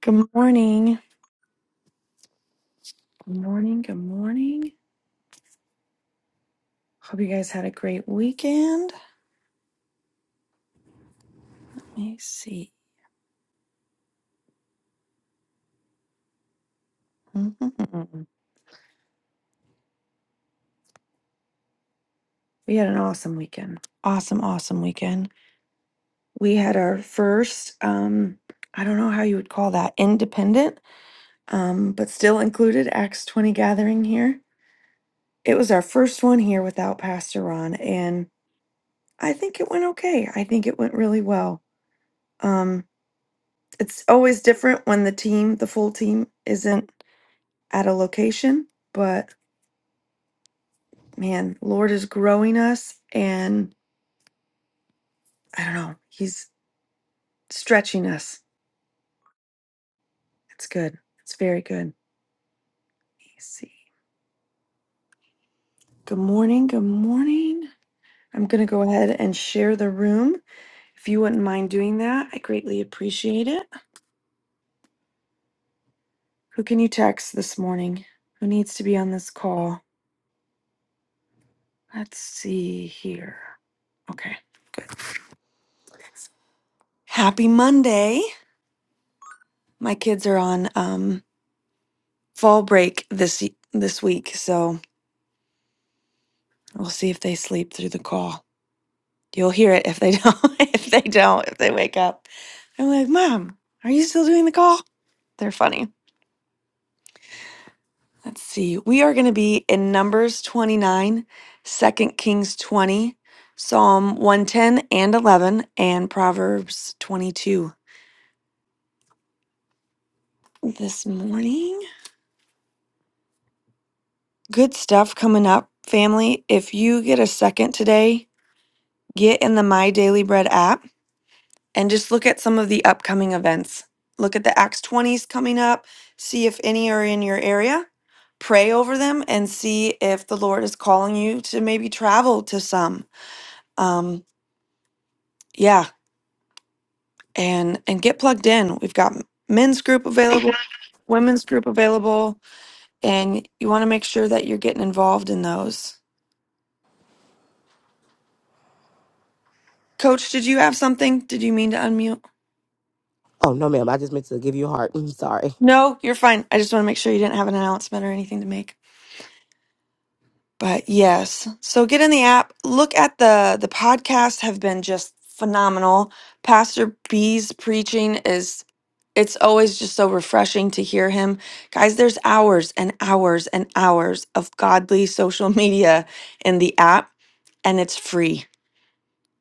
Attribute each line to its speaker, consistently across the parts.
Speaker 1: Good morning. Good morning. Good morning. Hope you guys had a great weekend. Let me see. Mhm. We had an awesome weekend. Awesome, awesome weekend. We had our first, um, I don't know how you would call that, independent, um, but still included Acts 20 gathering here. It was our first one here without Pastor Ron, and I think it went okay. I think it went really well. Um, it's always different when the team, the full team, isn't. at a location, but man, Lord is growing us and I don't know, he's stretching us. It's good. It's very good. Let me see. Good morning. Good morning. I'm going to go ahead and share the room. If you wouldn't mind doing that, I greatly appreciate it. Who can you text this morning? Who needs to be on this call? Let's see here. Okay, good. Happy Monday. My kids are on um fall break this this week, so We'll see if they sleep through the call. You'll hear it if they don't. if they don't, if they wake up, I'm like, Mom, are you still doing the call? They're funny. Let's see. We are going to be in Numbers 29, 2 Kings 20, Psalm 110 and 11, and Proverbs 22 this morning. Good stuff coming up, family. If you get a second today, get in the My Daily Bread app and just look at some of the upcoming events. Look at the Acts 20s coming up, see if any are in your area. Pray over them and see if the Lord is calling you to maybe travel to some. Um, yeah, and and get plugged in. We've got men's group available, women's group available, and you want to make sure that you're getting involved in those. Coach, did you have something? Did you mean to unmute?
Speaker 2: Oh, no, ma'am. I just meant to give you a heart. I'm sorry.
Speaker 1: No, you're fine. I just want to make sure you didn't have an announcement or anything to make. But yes, so get in the app. Look at the the podcasts have been just phenomenal. Pastor B's preaching is it's always just so refreshing to hear him. Guys, there's hours and hours and hours of godly social media in the app and it's free.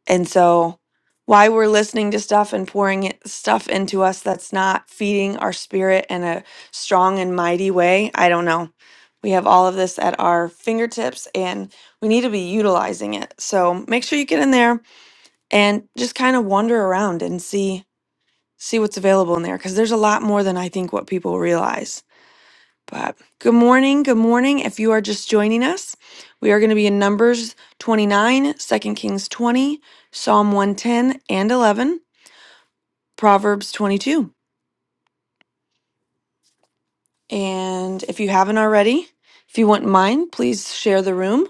Speaker 1: And so, why we're listening to stuff and pouring it, stuff into us that's not feeding our spirit in a strong and mighty way, I don't know. We have all of this at our fingertips and we need to be utilizing it. So, make sure you get in there and just kind of wander around and see see what's available in there because there's a lot more than I think what people realize. But good morning. Good morning. If you are just joining us, we are going to be in Numbers 29, Second Kings 20, Psalm 110 and 11, Proverbs 22. And if you haven't already, if you wouldn't mind, please share the room,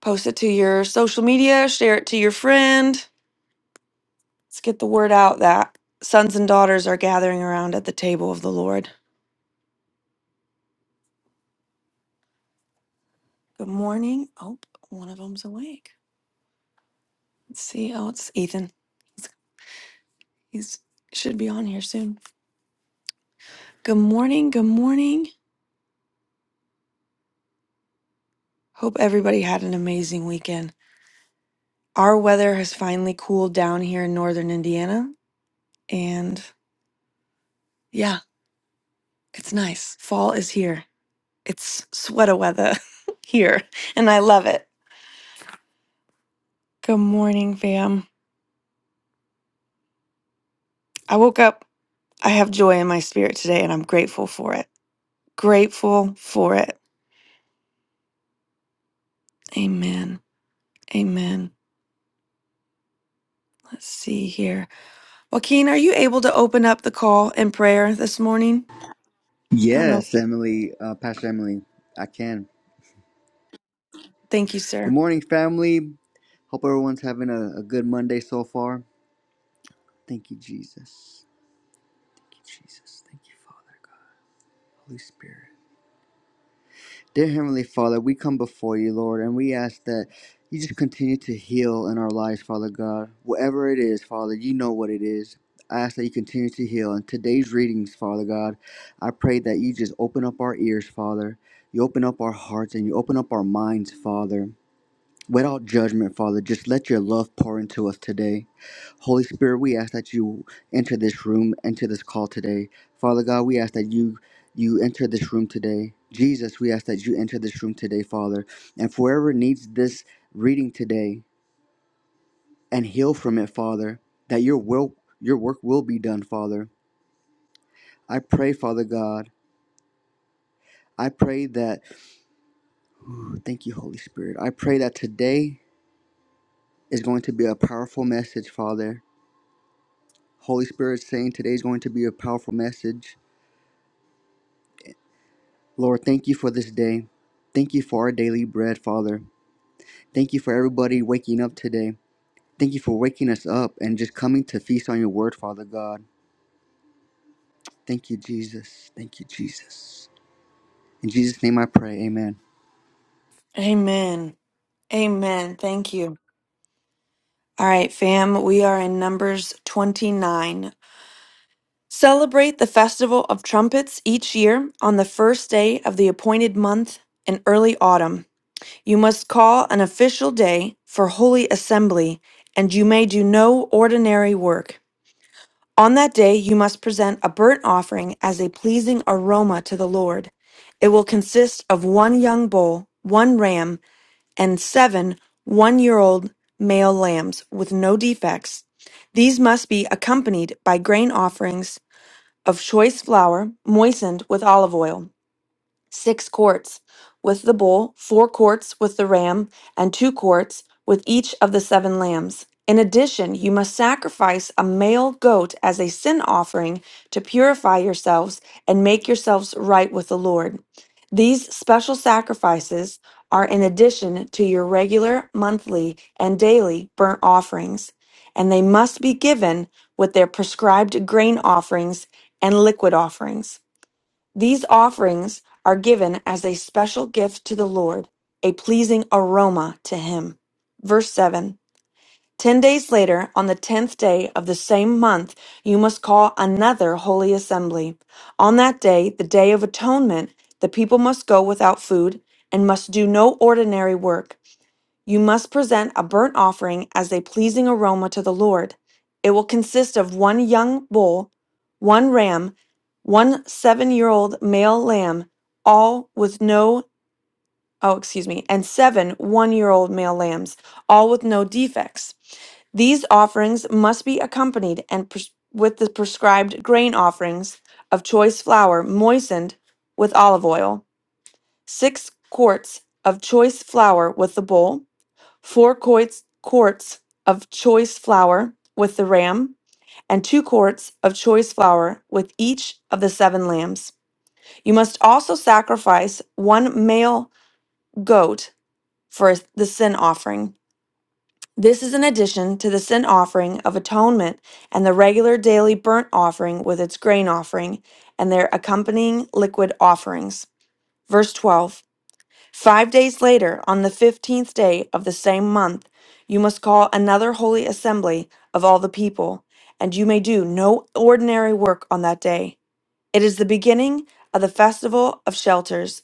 Speaker 1: post it to your social media, share it to your friend. Let's get the word out that sons and daughters are gathering around at the table of the Lord. Good morning. Oh, one of them's awake. Let's see. Oh, it's Ethan. He's should be on here soon. Good morning. Good morning. Hope everybody had an amazing weekend. Our weather has finally cooled down here in northern Indiana. And yeah, it's nice. Fall is here. It's sweater weather here, and I love it. Good morning, fam. I woke up. I have joy in my spirit today, and I'm grateful for it. Grateful for it. Amen. Amen. Let's see here. Joaquin, are you able to open up the call in prayer this morning? I don't know.
Speaker 3: Yes, Emily, uh, Pastor Emily, I can.
Speaker 1: Thank you,
Speaker 3: Good
Speaker 1: sir.
Speaker 3: morning, family. Hope everyone's having a, a good Monday so far. Thank you, Jesus. Thank you, Jesus. Thank you, Father God, Holy Spirit. Dear Heavenly Father, we come before you, Lord, and we ask that you just continue to heal in our lives, Father God. Whatever it is, Father, you know what it is. I ask that you continue to heal. In today's readings, Father God, I pray that you just open up our ears, Father. You open up our hearts and you open up our minds, Father Without judgment, Father, just let your love pour into us today. Holy Spirit, we ask that you enter this room, enter this call today. Father God, we ask that you you enter this room today. Jesus, we ask that you enter this room today, Father. And whoever needs this reading today and heal from it, Father, that your will your work will be done, Father. I pray, Father God. I pray that Ooh, thank you, Holy Spirit. I pray that today is going to be a powerful message, Father Holy Spirit saying today is going to be a powerful message. Lord, thank you for this day. Thank you for our daily bread, Father. Thank you for everybody waking up today. Thank you for waking us up and just coming to feast on your word, Father God. Thank you, Jesus. Thank you, Jesus. In Jesus' name I pray. Amen.
Speaker 1: Amen. Amen. Thank you. All right, fam, we are in Numbers 29. Celebrate the Festival of Trumpets each year on the first day of the appointed month in early autumn. You must call an official day for holy assembly, and you may do no ordinary work. On that day, you must present a burnt offering as a pleasing aroma to the Lord. It will consist of one young bull, one ram, and seven one-year-old male lambs with no defects, these must be accompanied by grain offerings of choice flour moistened with olive oil six quarts with the bull, four quarts with the ram, and two quarts with each of the seven lambs. In addition, you must sacrifice a male goat as a sin offering to purify yourselves and make yourselves right with the Lord. These special sacrifices are in addition to your regular monthly and daily burnt offerings, and they must be given with their prescribed grain offerings and liquid offerings. These offerings are given as a special gift to the Lord, a pleasing aroma to Him. Verse 7 Ten days later, on the tenth day of the same month, you must call another holy assembly. On that day, the day of atonement, the people must go without food and must do no ordinary work. You must present a burnt offering as a pleasing aroma to the Lord. It will consist of one young bull, one ram, one seven year old male lamb, all with no, oh, excuse me, and seven one year old male lambs, all with no defects. These offerings must be accompanied and pres- with the prescribed grain offerings of choice flour moistened with olive oil, six quarts of choice flour with the bowl four quarts, quarts of choice flour with the ram, and two quarts of choice flour with each of the seven lambs. You must also sacrifice one male goat for the sin offering. This is in addition to the sin offering of atonement and the regular daily burnt offering with its grain offering and their accompanying liquid offerings. Verse 12 Five days later, on the fifteenth day of the same month, you must call another holy assembly of all the people, and you may do no ordinary work on that day. It is the beginning of the festival of shelters.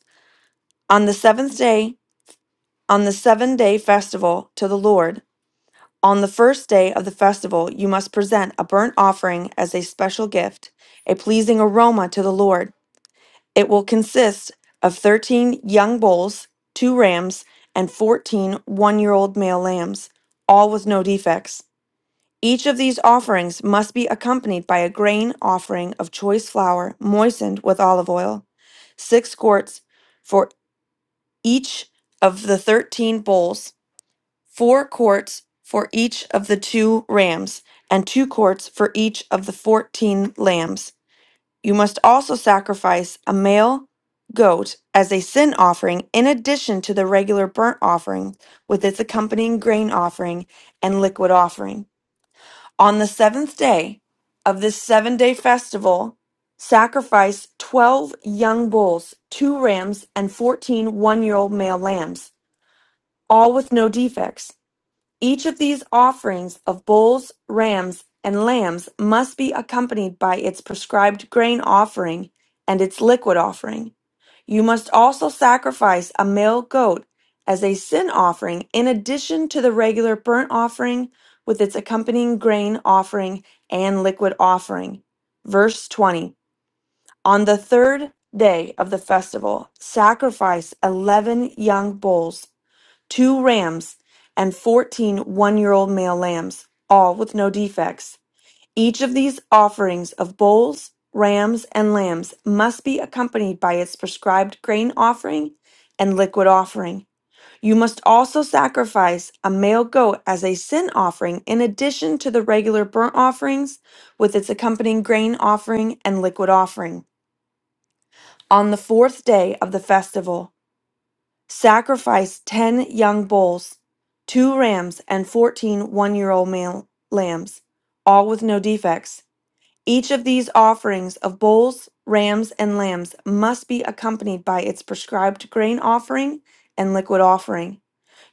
Speaker 1: On the seventh day, on the seven day festival to the Lord, on the first day of the festival, you must present a burnt offering as a special gift, a pleasing aroma to the Lord. It will consist of 13 young bulls, two rams, and 14 one year old male lambs, all with no defects. Each of these offerings must be accompanied by a grain offering of choice flour moistened with olive oil, six quarts for each of the 13 bulls, four quarts for each of the two rams, and two quarts for each of the 14 lambs. You must also sacrifice a male goat as a sin offering in addition to the regular burnt offering with its accompanying grain offering and liquid offering. On the seventh day of this seven day festival, sacrifice 12 young bulls, two rams, and 141 year old male lambs, all with no defects. Each of these offerings of bulls, rams, and lambs must be accompanied by its prescribed grain offering and its liquid offering. You must also sacrifice a male goat as a sin offering in addition to the regular burnt offering with its accompanying grain offering and liquid offering. Verse 20 On the third day of the festival, sacrifice 11 young bulls two rams, and fourteen one year old male lambs, all with no defects. Each of these offerings of bulls, rams, and lambs must be accompanied by its prescribed grain offering and liquid offering. You must also sacrifice a male goat as a sin offering in addition to the regular burnt offerings with its accompanying grain offering and liquid offering. On the fourth day of the festival, sacrificed ten young bulls, two rams, and fourteen one year old male lambs, all with no defects. Each of these offerings of bulls, rams, and lambs must be accompanied by its prescribed grain offering and liquid offering.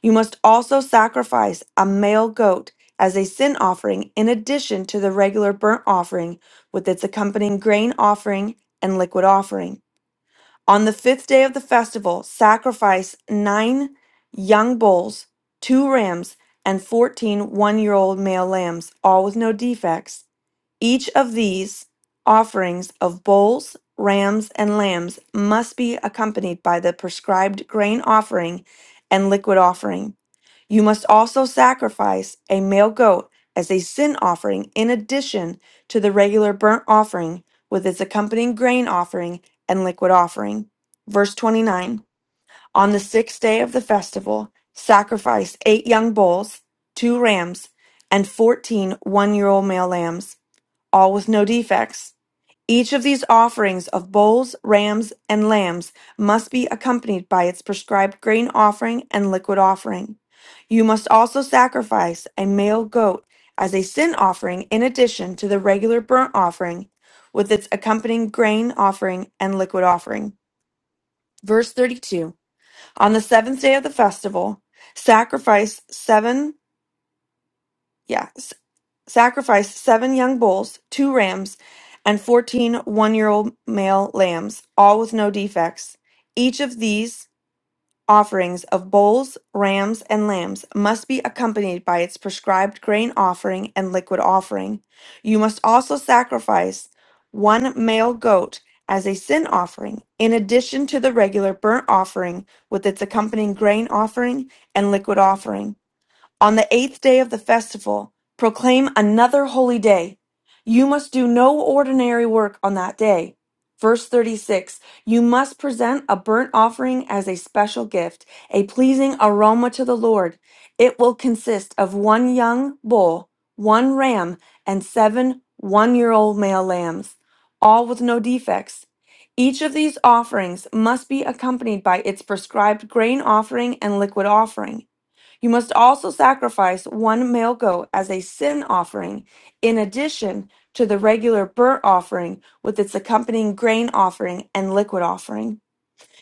Speaker 1: You must also sacrifice a male goat as a sin offering in addition to the regular burnt offering with its accompanying grain offering and liquid offering. On the fifth day of the festival, sacrifice nine young bulls, two rams, and 141 year old male lambs, all with no defects. Each of these offerings of bulls, rams, and lambs must be accompanied by the prescribed grain offering and liquid offering. You must also sacrifice a male goat as a sin offering in addition to the regular burnt offering with its accompanying grain offering and liquid offering. Verse 29 On the sixth day of the festival, sacrifice eight young bulls, two rams, and fourteen one year old male lambs, all with no defects. Each of these offerings of bulls, rams, and lambs must be accompanied by its prescribed grain offering and liquid offering. You must also sacrifice a male goat as a sin offering in addition to the regular burnt offering with its accompanying grain offering and liquid offering. Verse 32 On the seventh day of the festival, sacrifice seven. Yeah sacrificed seven young bulls, two rams, and fourteen one year old male lambs, all with no defects. Each of these offerings of bulls, rams, and lambs must be accompanied by its prescribed grain offering and liquid offering. You must also sacrifice one male goat as a sin offering, in addition to the regular burnt offering with its accompanying grain offering and liquid offering. On the eighth day of the festival, proclaim another holy day. You must do no ordinary work on that day. Verse 36 You must present a burnt offering as a special gift, a pleasing aroma to the Lord. It will consist of one young bull, one ram, and seven one year old male lambs, all with no defects. Each of these offerings must be accompanied by its prescribed grain offering and liquid offering. You must also sacrifice one male goat as a sin offering, in addition to the regular burnt offering with its accompanying grain offering and liquid offering.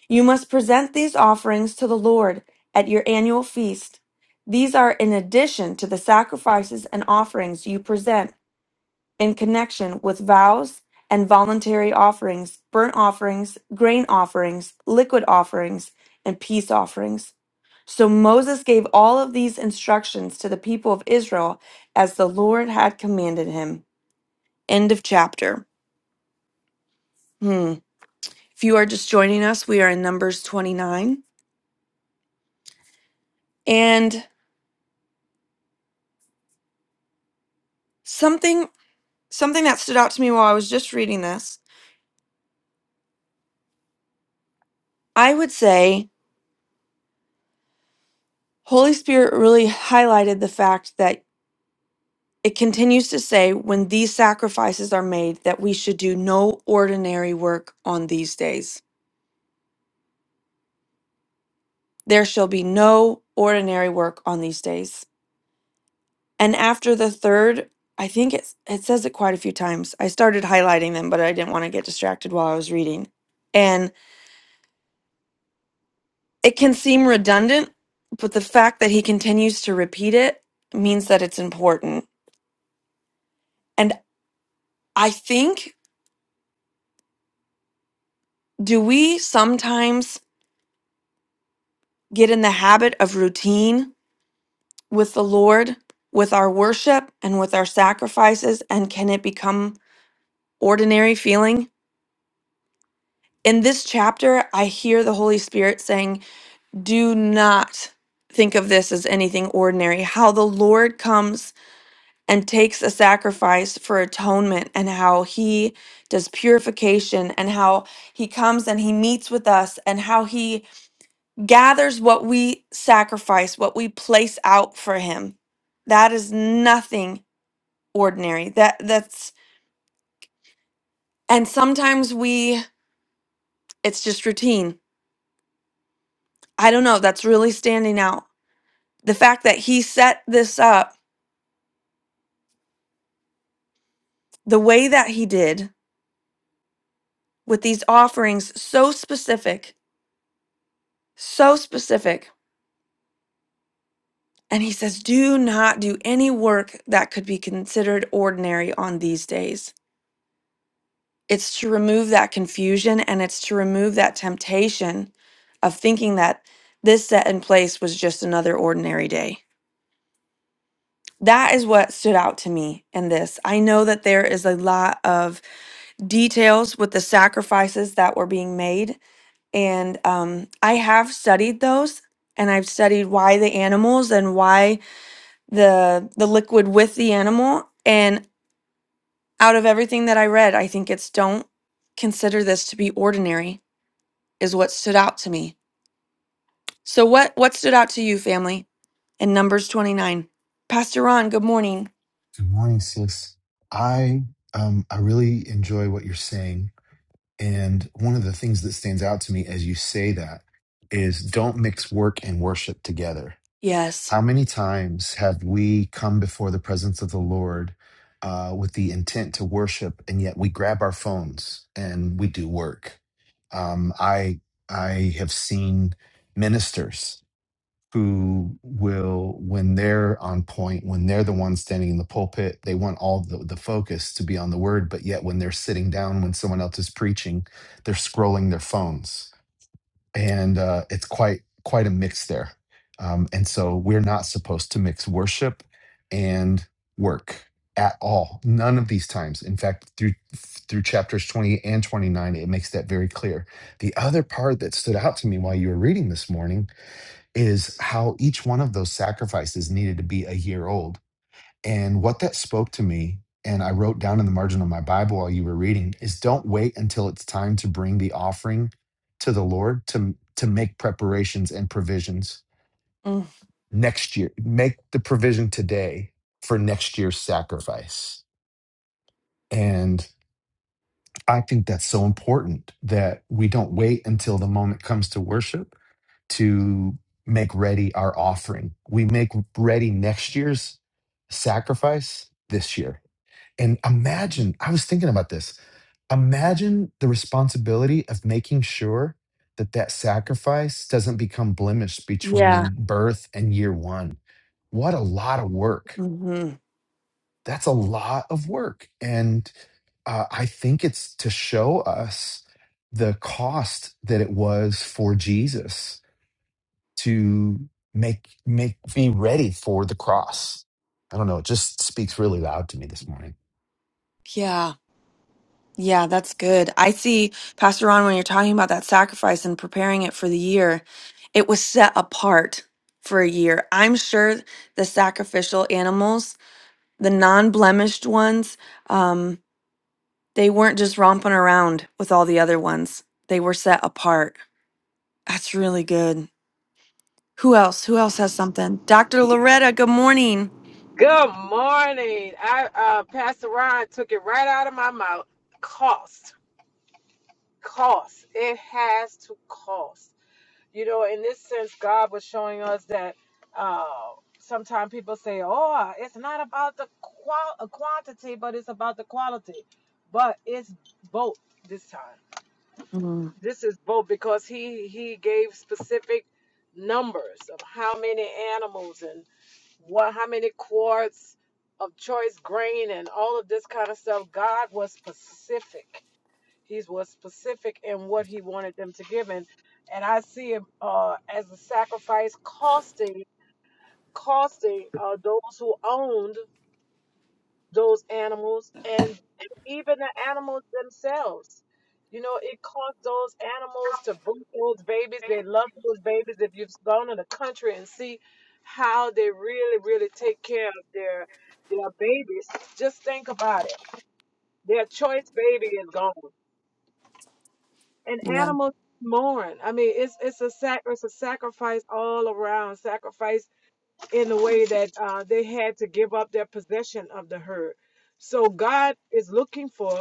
Speaker 1: You must present these offerings to the Lord at your annual feast. These are in addition to the sacrifices and offerings you present in connection with vows and voluntary offerings, burnt offerings, grain offerings, liquid offerings, and peace offerings. So Moses gave all of these instructions to the people of Israel as the Lord had commanded him. End of chapter. Hmm. If you are just joining us, we are in Numbers 29. And something something that stood out to me while I was just reading this, I would say Holy Spirit really highlighted the fact that It continues to say, when these sacrifices are made, that we should do no ordinary work on these days. There shall be no ordinary work on these days. And after the third, I think it's, it says it quite a few times. I started highlighting them, but I didn't want to get distracted while I was reading. And it can seem redundant, but the fact that he continues to repeat it means that it's important. And I think, do we sometimes get in the habit of routine with the Lord, with our worship, and with our sacrifices? And can it become ordinary feeling? In this chapter, I hear the Holy Spirit saying, Do not think of this as anything ordinary. How the Lord comes and takes a sacrifice for atonement, and how he does purification, and how he comes and he meets with us, and how he gathers what we sacrifice, what we place out for him. That is nothing ordinary. That that's and sometimes we it's just routine. I don't know, that's really standing out. The fact that he set this up the way that he did with these offerings so specific, so specific. And he says, "Do not do any work that could be considered ordinary on these days." It's to remove that confusion and it's to remove that temptation of thinking that this set in place was just another ordinary day That is what stood out to me in this. I know that there is a lot of details with the sacrifices that were being made, and um, I have studied those, and I've studied why the animals and why the the liquid with the animal. And out of everything that I read, I think it's don't consider this to be ordinary is what stood out to me. So what what stood out to you, family? In Numbers twenty nine, Pastor Ron. Good morning.
Speaker 4: Good morning, sis. I um I really enjoy what you're saying. And one of the things that stands out to me as you say that is don't mix work and worship together.
Speaker 1: Yes.
Speaker 4: How many times have we come before the presence of the Lord uh, with the intent to worship, and yet we grab our phones and we do work? Um, I I have seen ministers who will, when they're on point, when they're the one standing in the pulpit, they want all the, the focus to be on the word. But yet, when they're sitting down, when someone else is preaching, they're scrolling their phones, and uh, it's quite quite a mix there. Um, and so, we're not supposed to mix worship and work at all. None of these times. In fact, through through chapters twenty and twenty nine, it makes that very clear. The other part that stood out to me while you were reading this morning is how each one of those sacrifices needed to be a year old. And what that spoke to me, and I wrote down in the margin of my Bible while you were reading, is don't wait until it's time to bring the offering to the Lord to, to make preparations and provisions
Speaker 1: Mm,
Speaker 4: next year. Make the provision today for next year's sacrifice. And I think that's so important that we don't wait until the moment comes to worship to make ready our offering. We make ready next year's sacrifice this year. And imagine, I was thinking about this. Imagine the responsibility of making sure that that sacrifice doesn't become blemished
Speaker 1: yeah.
Speaker 4: between birth and year one. What a lot of work.
Speaker 1: hmm
Speaker 4: That's a lot of work. And uh, I think it's to show us the cost that it was for Jesus to make make me ready for the cross. I don't know. It just speaks really loud to me this morning.
Speaker 1: Yeah. Yeah, that's good. I see, Pastor Ron, when you're talking about that sacrifice and preparing it for the year, it was set apart for a year. I'm sure the sacrificial animals, the non blemished ones, um, They weren't just romping around with all the other ones. They were set apart. That's really good. Who else? Who else has something? Dr. Loretta, good morning.
Speaker 5: Good morning. I uh, Pastor Ron took it right out of my mouth. Cost, cost. It has to cost. You know, in this sense, God was showing us that uh, sometimes people say, "Oh, it's not about the qual- uh, quantity, but it's about the quality." But it's both this time.
Speaker 1: Mm,
Speaker 5: This is both because he he gave specific numbers of how many animals and what how many quarts of choice grain and all of this kind of stuff. God was specific. He was specific in what he wanted them to give in. And I see it uh, as a sacrifice costing costing uh, those who owned those animals and, and even the animals themselves. You know, it costs those animals to bring those babies. They love those babies. If you've gone in the country and see how they really, really take care of their their babies, just think about it. Their choice baby is gone, and
Speaker 1: yeah.
Speaker 5: animals mourn. I mean, it's it's a sac it's a sacrifice all around. Sacrifice in the way that uh, they had to give up their possession of the herd. So God is looking for.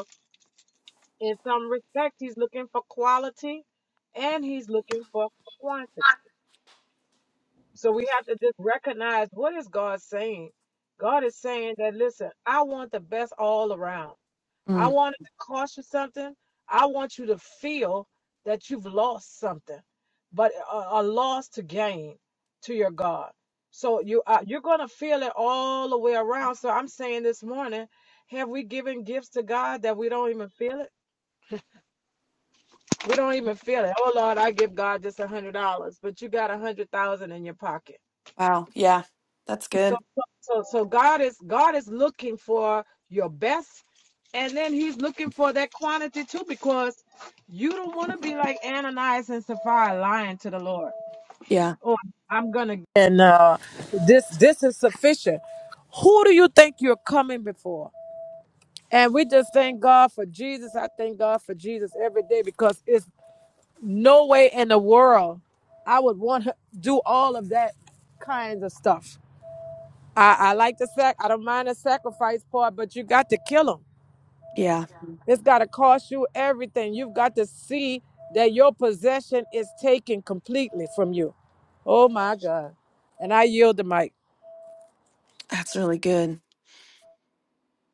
Speaker 5: In some respect, he's looking for quality and he's looking for quantity. So we have to just recognize what is God saying? God is saying that listen, I want the best all around. I
Speaker 1: Mm,
Speaker 5: want it to cost you something. I want you to feel that you've lost something, but a, a loss to gain to your God. So you are you're gonna feel it all the way around. So I'm saying this morning, have we given gifts to God that we don't even feel it? We don't even feel it. Oh Lord, I give God just a hundred dollars, but you got a hundred thousand in your pocket.
Speaker 1: wow. Yeah. That's
Speaker 5: So,
Speaker 1: good.
Speaker 5: so, so so God is God is looking for your best, and then He's looking for that quantity too, because you don't want to be like Ananias and Sapphira lying to the Lord.
Speaker 1: Yeah.
Speaker 5: Oh, I'm gonna. And uh, this this is sufficient. Who do you think you're coming before? And we just thank God for Jesus. I thank God for Jesus every day because it's No way in the world I would want her to do all of that kinds of stuff. I, I like the sac. I don't mind the sacrifice part, but you got to kill them.
Speaker 1: Yeah.
Speaker 5: It's got to cost you everything. You've got to see that your possession is taken completely from you. Oh my God! And I yield the mic.
Speaker 1: That's really good.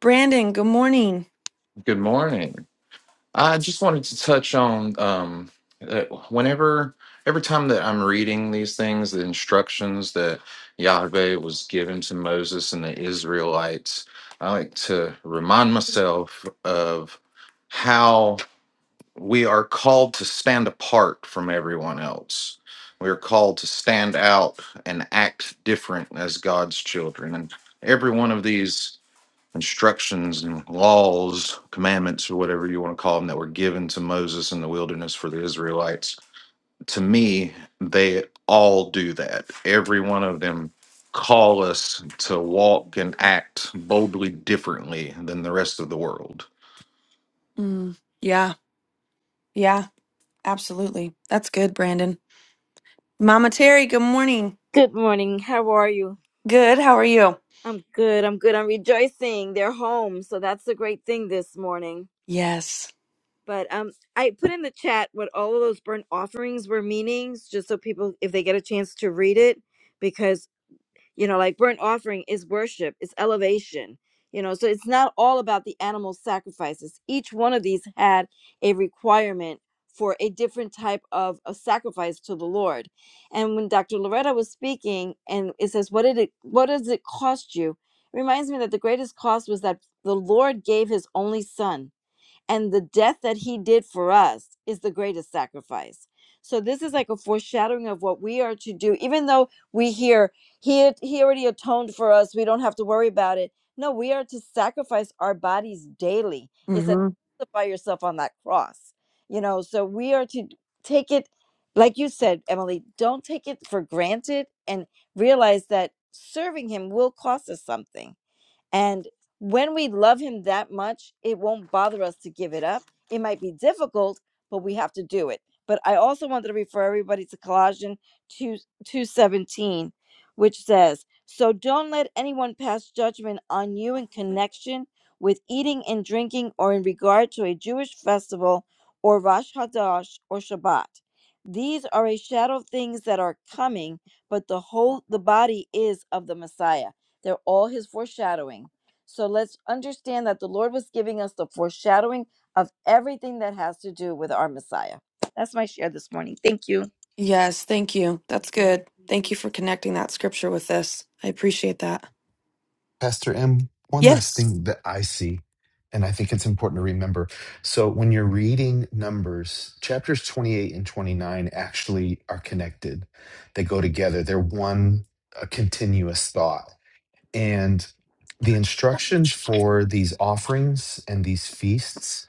Speaker 1: Brandon, good morning.
Speaker 6: Good morning. I just wanted to touch on um, uh, whenever, every time that I'm reading these things, the instructions that Yahweh was given to Moses and the Israelites, I like to remind myself of how we are called to stand apart from everyone else. We are called to stand out and act different as God's children. And every one of these instructions and laws, commandments, or whatever you want to call them, that were given to Moses in the wilderness for the Israelites, to me, they all do that. Every one of them call us to walk and act boldly differently than the rest of the world.
Speaker 1: Mm, yeah. Yeah. Absolutely. That's good, Brandon. Mama Terry, good morning.
Speaker 7: Good morning. How are you?
Speaker 1: Good. How are you?
Speaker 7: I'm good. I'm good. I'm rejoicing. They're home, so that's a great thing this morning.
Speaker 1: Yes.
Speaker 7: But um I put in the chat what all of those burnt offerings were meanings just so people if they get a chance to read it because you know like burnt offering is worship it's elevation you know so it's not all about the animal sacrifices each one of these had a requirement for a different type of a sacrifice to the lord and when dr loretta was speaking and it says what did it what does it cost you it reminds me that the greatest cost was that the lord gave his only son and the death that he did for us is the greatest sacrifice. So this is like a foreshadowing of what we are to do, even though we hear he he already atoned for us, we don't have to worry about it. No, we are to sacrifice our bodies daily. It's a
Speaker 1: Mm-hmm.
Speaker 7: crucify yourself on that cross. You know, so we are to take it like you said, Emily, don't take it for granted and realize that serving him will cost us something and when we love him that much, it won't bother us to give it up. It might be difficult, but we have to do it. But I also wanted to refer everybody to Colossians 2 217, which says, So don't let anyone pass judgment on you in connection with eating and drinking or in regard to a Jewish festival or Rosh Hadash or Shabbat. These are a shadow of things that are coming, but the whole the body is of the Messiah. They're all his foreshadowing. So let's understand that the Lord was giving us the foreshadowing of everything that has to do with our Messiah. That's my share this morning. Thank you.
Speaker 1: Yes. Thank you. That's good. Thank you for connecting that scripture with this. I appreciate that.
Speaker 4: Pastor M, one last
Speaker 1: Yes.
Speaker 4: thing that I see, and I think it's important to remember. So when you're reading Numbers, chapters 28 and 29 actually are connected. They go together. They're one a continuous thought. And the instructions for these offerings and these feasts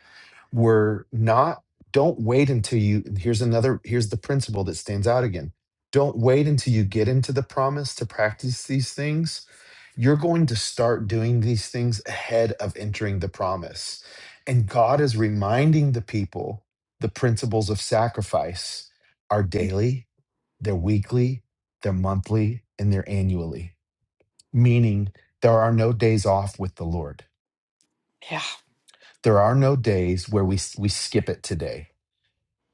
Speaker 4: we're not don't wait until you and here's another here's the principle that stands out again don't wait until you get into the promise to practice these things you're going to start doing these things ahead of entering the promise and god is reminding the people the principles of sacrifice are daily they're weekly they're monthly and they're annually meaning there are no days off with the lord
Speaker 1: Yeah.
Speaker 4: there are no days where we we skip it today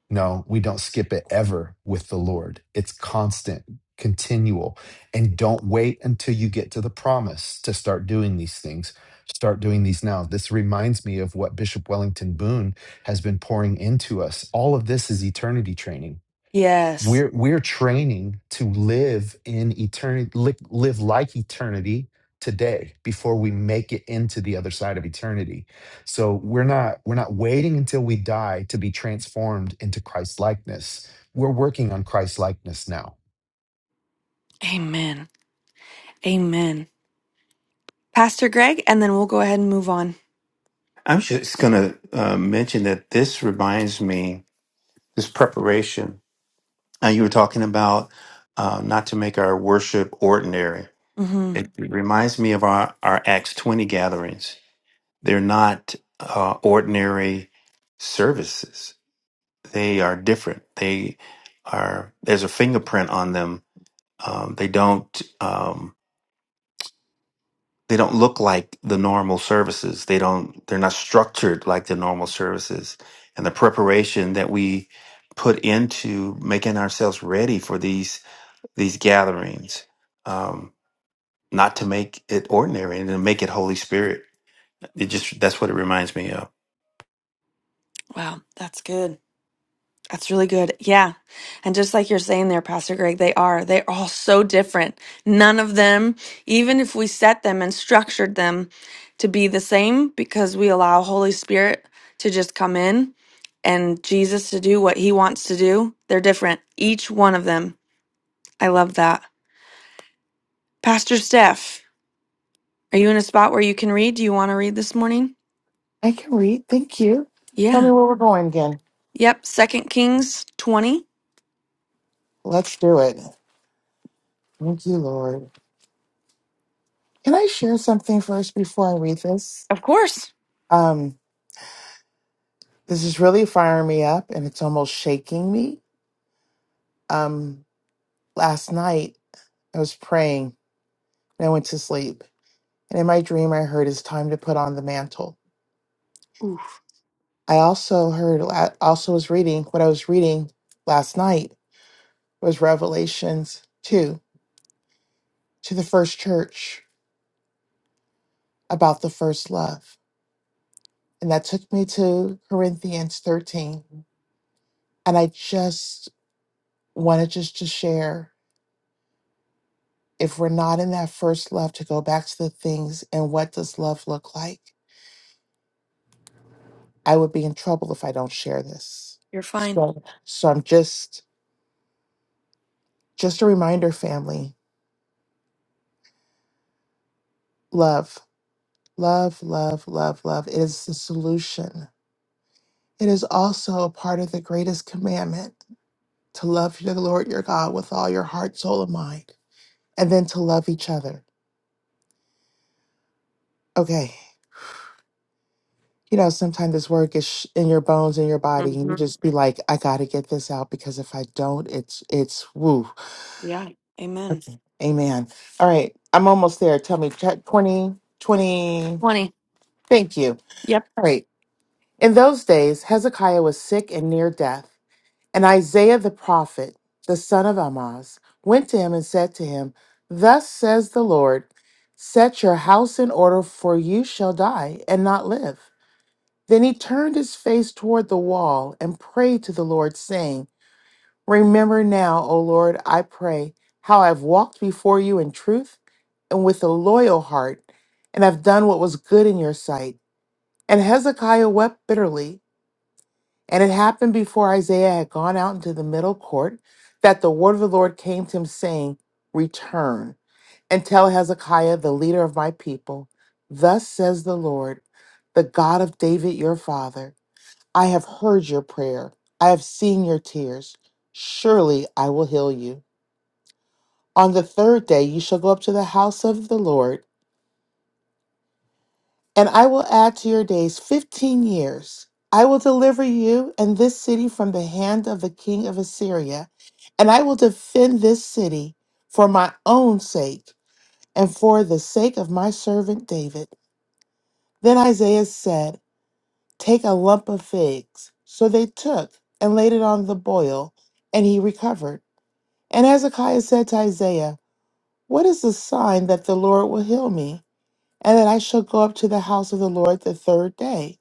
Speaker 4: No, we don't skip it ever with the Lord. It's constant, continual. And don't wait until you get to the promise to start doing these things. Start doing these now. This reminds me of what Bishop Wellington Boone has been pouring into us. All of this is eternity training
Speaker 1: Yes.
Speaker 4: we're we're training to live in eternity li- live like eternity today before we make it into the other side of eternity so we're not we're not waiting until we die to be transformed into christ likeness we're working on christ likeness now
Speaker 1: Amen. Amen. Pastor Greg, and then we'll go ahead and move on.
Speaker 8: I'm just going to uh, mention that this reminds me, this preparation. Uh, you were talking about uh, not to make our worship ordinary.
Speaker 1: hmm
Speaker 8: It reminds me of our, our Acts 20 gatherings. They're not uh, ordinary services, they are different. They are, there's a fingerprint on them. Um, they don't. Um, they don't look like the normal services they don't they're not structured like the normal services and the preparation that we put into making ourselves ready for these these gatherings um not to make it ordinary and to make it holy spirit it just that's what it reminds me of
Speaker 1: Wow, that's good. That's really good. Yeah. And just like you're saying there, Pastor Greg, they are. They're all so different. None of them, even if we set them and structured them to be the same, because we allow Holy Spirit to just come in and Jesus to do what he wants to do, they're different. Each one of them. I love that. Pastor Steph. Are you in a spot where you can read? Do you want to read this morning?
Speaker 9: I can read. Thank you. Tell me
Speaker 1: Yeah.
Speaker 9: where we're going again.
Speaker 1: Yep. Second Kings 20.
Speaker 9: Let's do it. Thank you, Lord. Can I share something first before I read this?
Speaker 1: Of course.
Speaker 9: Um, this is really firing me up and it's almost shaking me. Um, last night I was praying and I went to sleep. And in my dream, I heard it's time to put on the mantle.
Speaker 1: Ooh,
Speaker 9: I also heard, I also was reading what I was reading last night was Revelations 2 to the first church about the first love. and that took me to Corinthians 13. And I just wanted just to share if we're not in that first love, to go back to the things and what does love look like? I would be in trouble if I don't share this.
Speaker 1: you're fine.
Speaker 9: So, so I'm just, just a reminder, family love, love, love, love, love. It is the solution. It is also a part of the greatest commandment to love your Lord your God with all your heart, soul, and mind, and then to love each other. Okay. you know, sometimes this work is sh- in your bones, in your body, and you
Speaker 1: hmm
Speaker 9: just be like, I got to get this out because if I don't, it's, it's woo.
Speaker 1: Yeah. Amen.
Speaker 9: Okay. Amen. All right. I'm almost there. Tell me, check 20, twenty.
Speaker 1: 20.
Speaker 9: Thank you.
Speaker 1: Yep.
Speaker 9: All right. In those days, Hezekiah was sick and near death. And Isaiah the prophet, the son of Amoz, went to him and said to him, Thus says the Lord, set your house in order, for you shall die and not live. Then he turned his face toward the wall and prayed to the Lord, saying, Remember now, O Lord, I pray, how I've walked before you in truth and with a loyal heart, and have done what was good in your sight. And Hezekiah wept bitterly. And it happened before Isaiah had gone out into the middle court that the word of the Lord came to him, saying, Return and tell Hezekiah, the leader of my people, Thus says the Lord, the God of David your father. I have heard your prayer. I have seen your tears. Surely I will heal you. On the third day, you shall go up to the house of the Lord, and I will add to your days 15 years. I will deliver you and this city from the hand of the king of Assyria, and I will defend this city for my own sake and for the sake of my servant David. Then Isaiah said, Take a lump of figs. So they took and laid it on the boil, and he recovered. And Hezekiah said to Isaiah, What is the sign that the Lord will heal me, and that I shall go up to the house of the Lord the third day?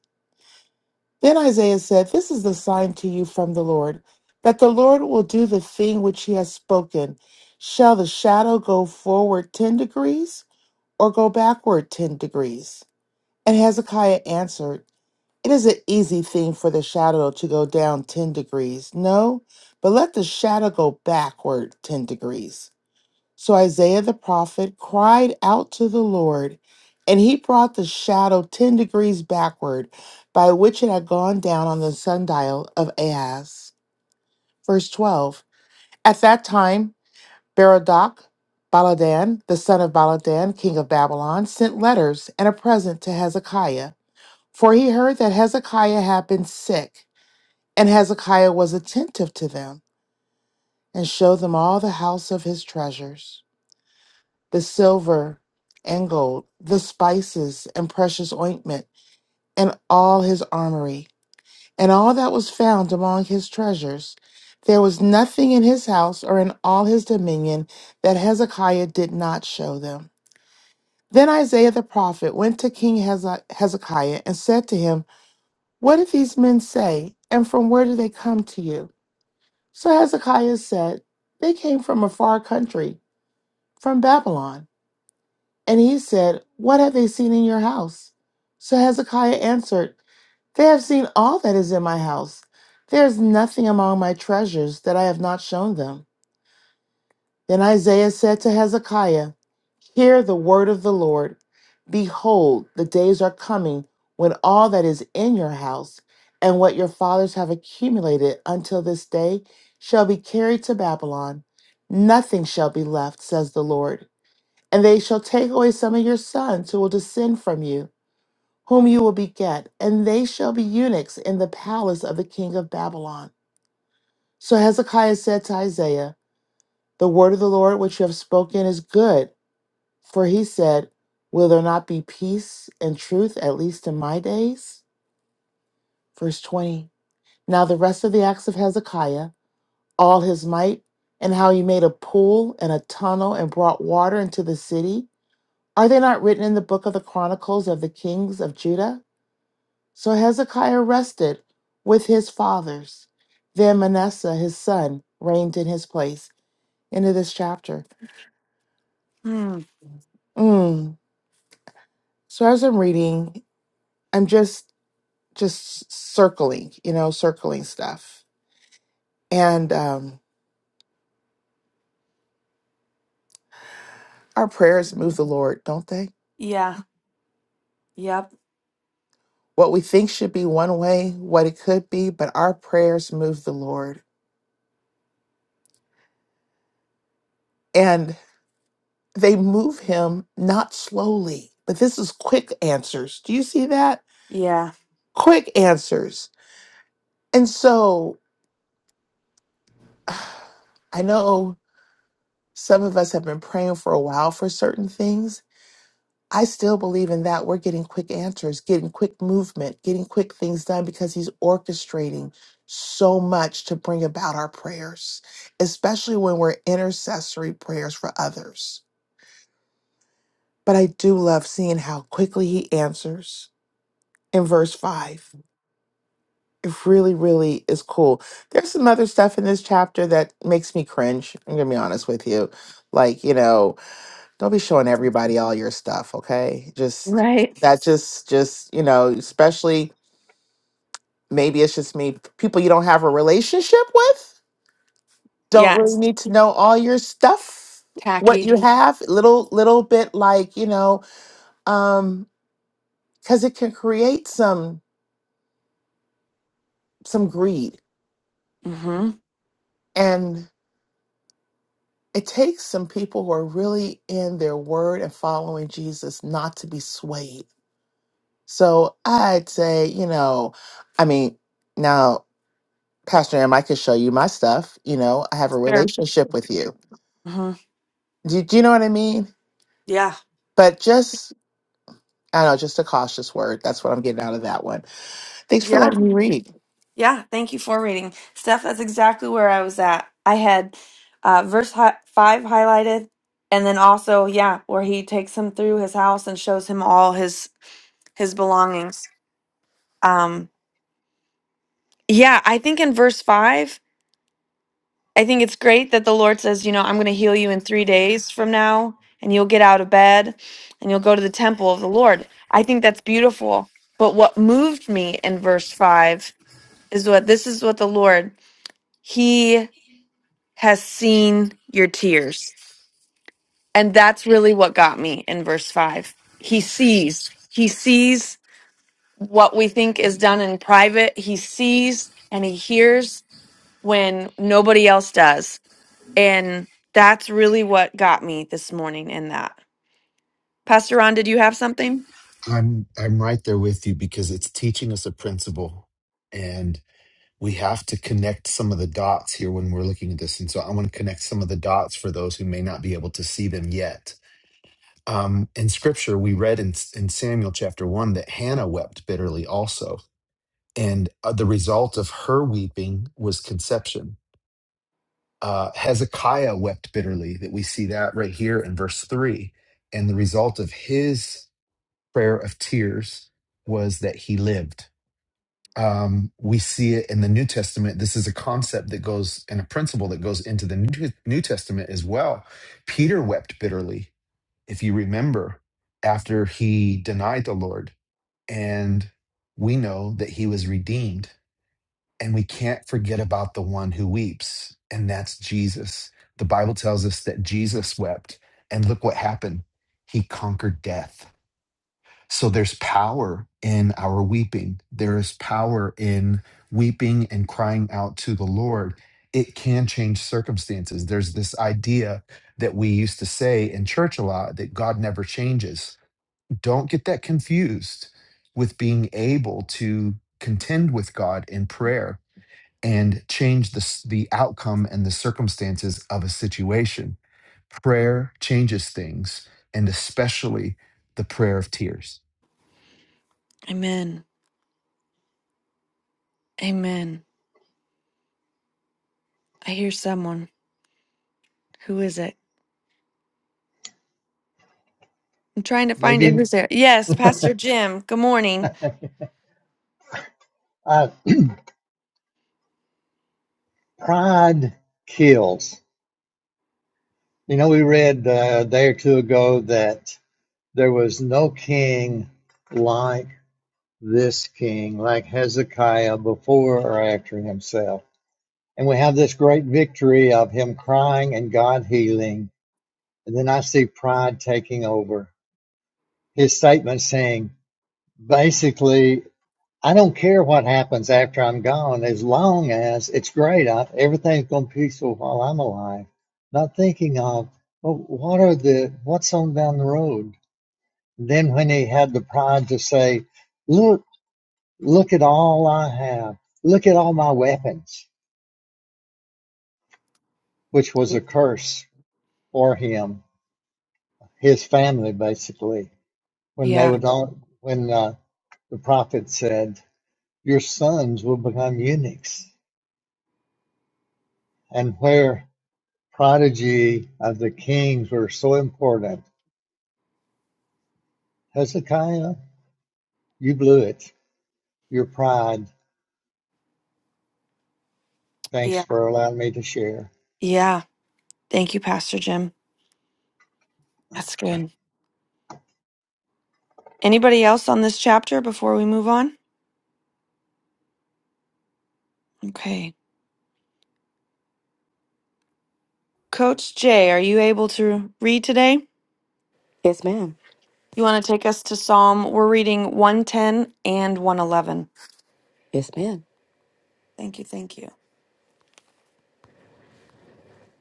Speaker 9: Then Isaiah said, This is the sign to you from the Lord, that the Lord will do the thing which he has spoken. Shall the shadow go forward 10 degrees, or go backward 10 degrees? And Hezekiah answered, It is an easy thing for the shadow to go down 10 degrees. No, but let the shadow go backward 10 degrees. So Isaiah the prophet cried out to the Lord, and he brought the shadow 10 degrees backward, by which it had gone down on the sundial of Ahaz. Verse 12 At that time, Berodach, Baladan, the son of Baladan, king of Babylon, sent letters and a present to Hezekiah, for he heard that Hezekiah had been sick, and Hezekiah was attentive to them and showed them all the house of his treasures. the silver and gold, the spices and precious ointment, and all his armory, and all that was found among his treasures. There was nothing in his house or in all his dominion that Hezekiah did not show them. Then Isaiah the prophet went to King Heze- Hezekiah and said to him, What did these men say, and from where do they come to you? So Hezekiah said, They came from a far country, from Babylon. And he said, What have they seen in your house? So Hezekiah answered, They have seen all that is in my house. There is nothing among my treasures that I have not shown them. Then Isaiah said to Hezekiah, Hear the word of the Lord. Behold, the days are coming when all that is in your house and what your fathers have accumulated until this day shall be carried to Babylon. Nothing shall be left, says the Lord. And they shall take away some of your sons who will descend from you, whom you will beget, and they shall be eunuchs in the palace of the king of Babylon. So Hezekiah said to Isaiah, The word of the Lord which you have spoken is good. For he said, Will there not be peace and truth, at least in my days? Verse 20. Now the rest of the acts of Hezekiah, all his might, and how he made a pool and a tunnel and brought water into the city Are they not written in the book of the Chronicles of the Kings of Judah? So Hezekiah rested with his fathers. Then Manasseh, his son, reigned in his place. End of this chapter.
Speaker 1: Hmm.
Speaker 9: Mm. So as I'm reading, I'm just just circling, you know, circling stuff. And um, our prayers move the Lord, don't they?
Speaker 1: Yeah. Yep.
Speaker 9: What we think should be one way, what it could be, but our prayers move the Lord. and. they move him not slowly, but this is quick answers. Do you see that?
Speaker 1: Yeah.
Speaker 9: Quick answers. And so I know some of us have been praying for a while for certain things. I still believe in that. We're getting quick answers, getting quick movement, getting quick things done because he's orchestrating so much to bring about our prayers, especially when we're intercessory prayers for others. But I do love seeing how quickly he answers in verse 5. It really, really is cool. There's some other stuff in this chapter that makes me cringe. I'm gonna be honest with you. Like, you know, don't be showing everybody all your stuff, okay? Just
Speaker 1: Right.
Speaker 9: that just just, you know, especially maybe it's just me, people you don't have a relationship with don't
Speaker 1: Yeah.
Speaker 9: really
Speaker 1: It's
Speaker 9: need to know all your stuff, what you
Speaker 1: tacky.
Speaker 9: have, little little bit like, you know, um, because it can create some some greed.
Speaker 1: Mm-hmm.
Speaker 9: and. It takes some people who are really in their word and following Jesus not to be swayed. So I'd say, you know, I mean, now, Pastor M, I could show you my stuff. You know, I have a
Speaker 1: Sure.
Speaker 9: relationship with you.
Speaker 1: hmm
Speaker 9: Do, do you know what I mean?
Speaker 1: Yeah.
Speaker 9: But just, I don't know, just a cautious word. That's what I'm getting out of that one. Thanks for
Speaker 1: Yeah.
Speaker 9: letting me read.
Speaker 1: Yeah. Thank you for reading. Steph, that's exactly where I was at. I had uh, verse hi- 5 highlighted. And then also, yeah, where he takes him through his house and shows him all his his belongings. Um, yeah, I think in verse five, I think it's great that the Lord says, you know, I'm going to heal you in three days from now, and you'll get out of bed and you'll go to the temple of the Lord. I think that's beautiful. But what moved me in verse five is what this is what the Lord, He has seen your tears. And that's really what got me in verse five. He sees, He sees what we think is done in private, He sees and He hears when nobody else does. And that's really what got me this morning in that. Pastor Ron, did you have something?
Speaker 4: i'm i'm right there with you because it's teaching us a principle and we have to connect some of the dots here when we're looking at this and so i want to connect some of the dots for those who may not be able to see them yet um, in scripture we read in, in samuel chapter 1 that hannah wept bitterly also and uh, the result of her weeping was conception uh, hezekiah wept bitterly that we see that right here in verse 3 and the result of his prayer of tears was that he lived um, we see it in the new testament this is a concept that goes and a principle that goes into the new, new testament as well peter wept bitterly if you remember, after he denied the Lord, and we know that he was redeemed, and we can't forget about the one who weeps, and that's Jesus. The Bible tells us that Jesus wept, and look what happened. He conquered death. So there's power in our weeping. There is power in weeping and crying out to the Lord. It can change circumstances. There's this idea that we used to say in church a lot that God never changes. Don't get that confused with being able to contend with God in prayer and change the, the outcome and the circumstances of a situation. Prayer changes things, and especially the prayer of tears.
Speaker 1: Amen. Amen. I hear someone. Who is it? I'm trying to find it.
Speaker 10: Maybe
Speaker 1: Who's there? Yes, Pastor Jim. Good morning.
Speaker 10: uh, pride kills. You know, we read uh, a day or two ago that there was no king like this king, like Hezekiah before or after himself. And we have this great victory of him crying and God healing. And then I see pride taking over. His statement saying, basically, I don't care what happens after I'm gone, as long as it's great. I, everything's going to be peaceful while I'm alive. Not thinking of, well, what are the what's on down the road? And then when he had the pride to say, "Look, look at all I have. Look at all my weapons," which was a curse for him, his family, basically. When they
Speaker 1: Yeah.
Speaker 10: would all, when uh, the prophet said, "Your sons will become eunuchs," and where prodigy of the kings were so important. Hezekiah, you blew it. Your pride. Thanks
Speaker 1: Yeah.
Speaker 10: for allowing me to share.
Speaker 1: Yeah. Thank you, Pastor Jim. That's good. Anybody else on this chapter before we move on? Okay. Coach Jay, are you able to read today?
Speaker 2: Yes, ma'am.
Speaker 1: You want to take us to Psalm? We're reading 110 and 111.
Speaker 2: Yes, ma'am.
Speaker 1: Thank you. Thank you.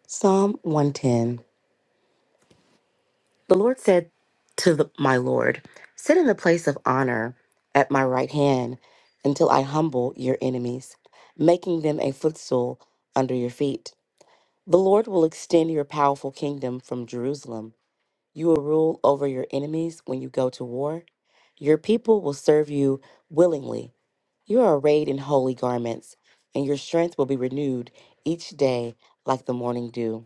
Speaker 2: Psalm 110. The Lord said to the, my Lord, Sit in the place of honor at my right hand until I humble your enemies, making them a footstool under your feet. The Lord will extend your powerful kingdom from Jerusalem. You will rule over your enemies when you go to war. Your people will serve you willingly. You are arrayed in holy garments, and your strength will be renewed each day like the morning dew.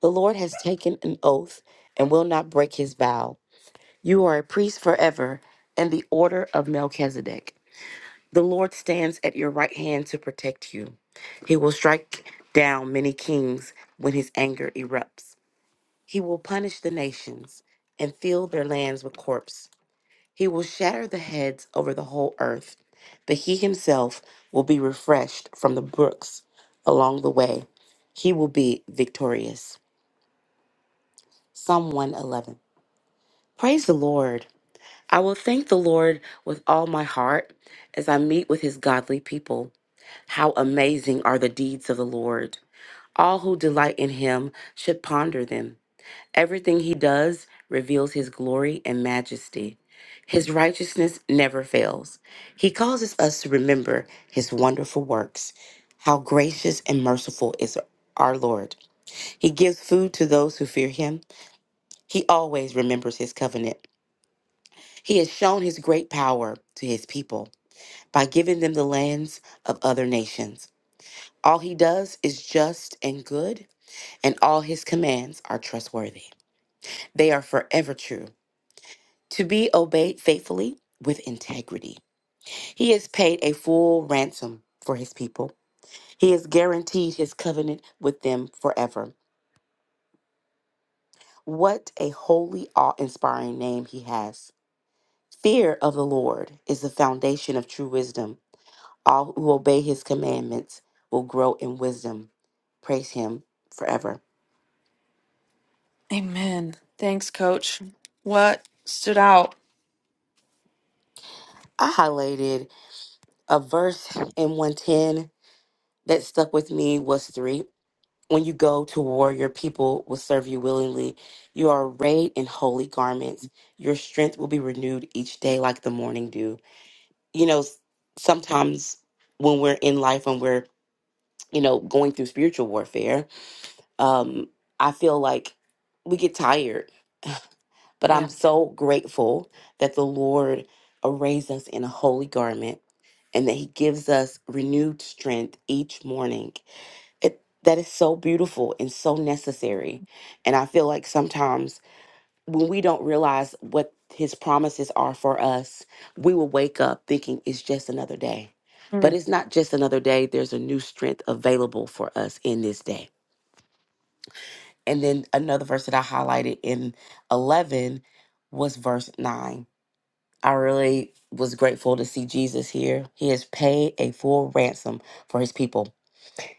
Speaker 2: The Lord has taken an oath and will not break his vow. You are a priest forever in the order of Melchizedek. The Lord stands at your right hand to protect you. He will strike down many kings when his anger erupts. He will punish the nations and fill their lands with corpse. He will shatter the heads over the whole earth, but he himself will be refreshed from the brooks along the way. He will be victorious. Psalm 111. Praise the Lord. I will thank the Lord with all my heart as I meet with his godly people. How amazing are the deeds of the Lord! All who delight in him should ponder them. Everything he does reveals his glory and majesty. His righteousness never fails. He causes us to remember his wonderful works. How gracious and merciful is our Lord. He gives food to those who fear him. He always remembers his covenant. He has shown his great power to his people by giving them the lands of other nations. All he does is just and good, and all his commands are trustworthy. They are forever true. to be obeyed faithfully with integrity. He has paid a full ransom for his people. He has guaranteed his covenant with them forever. What a holy, awe inspiring name he has. Fear of the Lord is the foundation of true wisdom. All who obey his commandments will grow in wisdom. Praise him forever.
Speaker 1: Amen. Thanks, Coach. What stood out?
Speaker 2: I highlighted a verse in 110 that stuck with me was 3 When you go to war, your people will serve you willingly. You are arrayed in holy garments. Your strength will be renewed each day like the morning dew. You know, s- sometimes when we're in life and we're, you know, going through spiritual warfare, um, I feel like we get tired. But
Speaker 1: Yeah.
Speaker 2: I'm so grateful that the Lord arrays us in a holy garment and that He gives us renewed strength each morning it that is so beautiful and so necessary and i feel like sometimes when we don't realize what his promises are for us we will wake up thinking it's just another day but
Speaker 1: Mm.
Speaker 2: it's not just another day there's a new strength available for us in this day and then another verse that i highlighted in 11 was verse 9 i really was grateful to see jesus here he has paid a full ransom for his people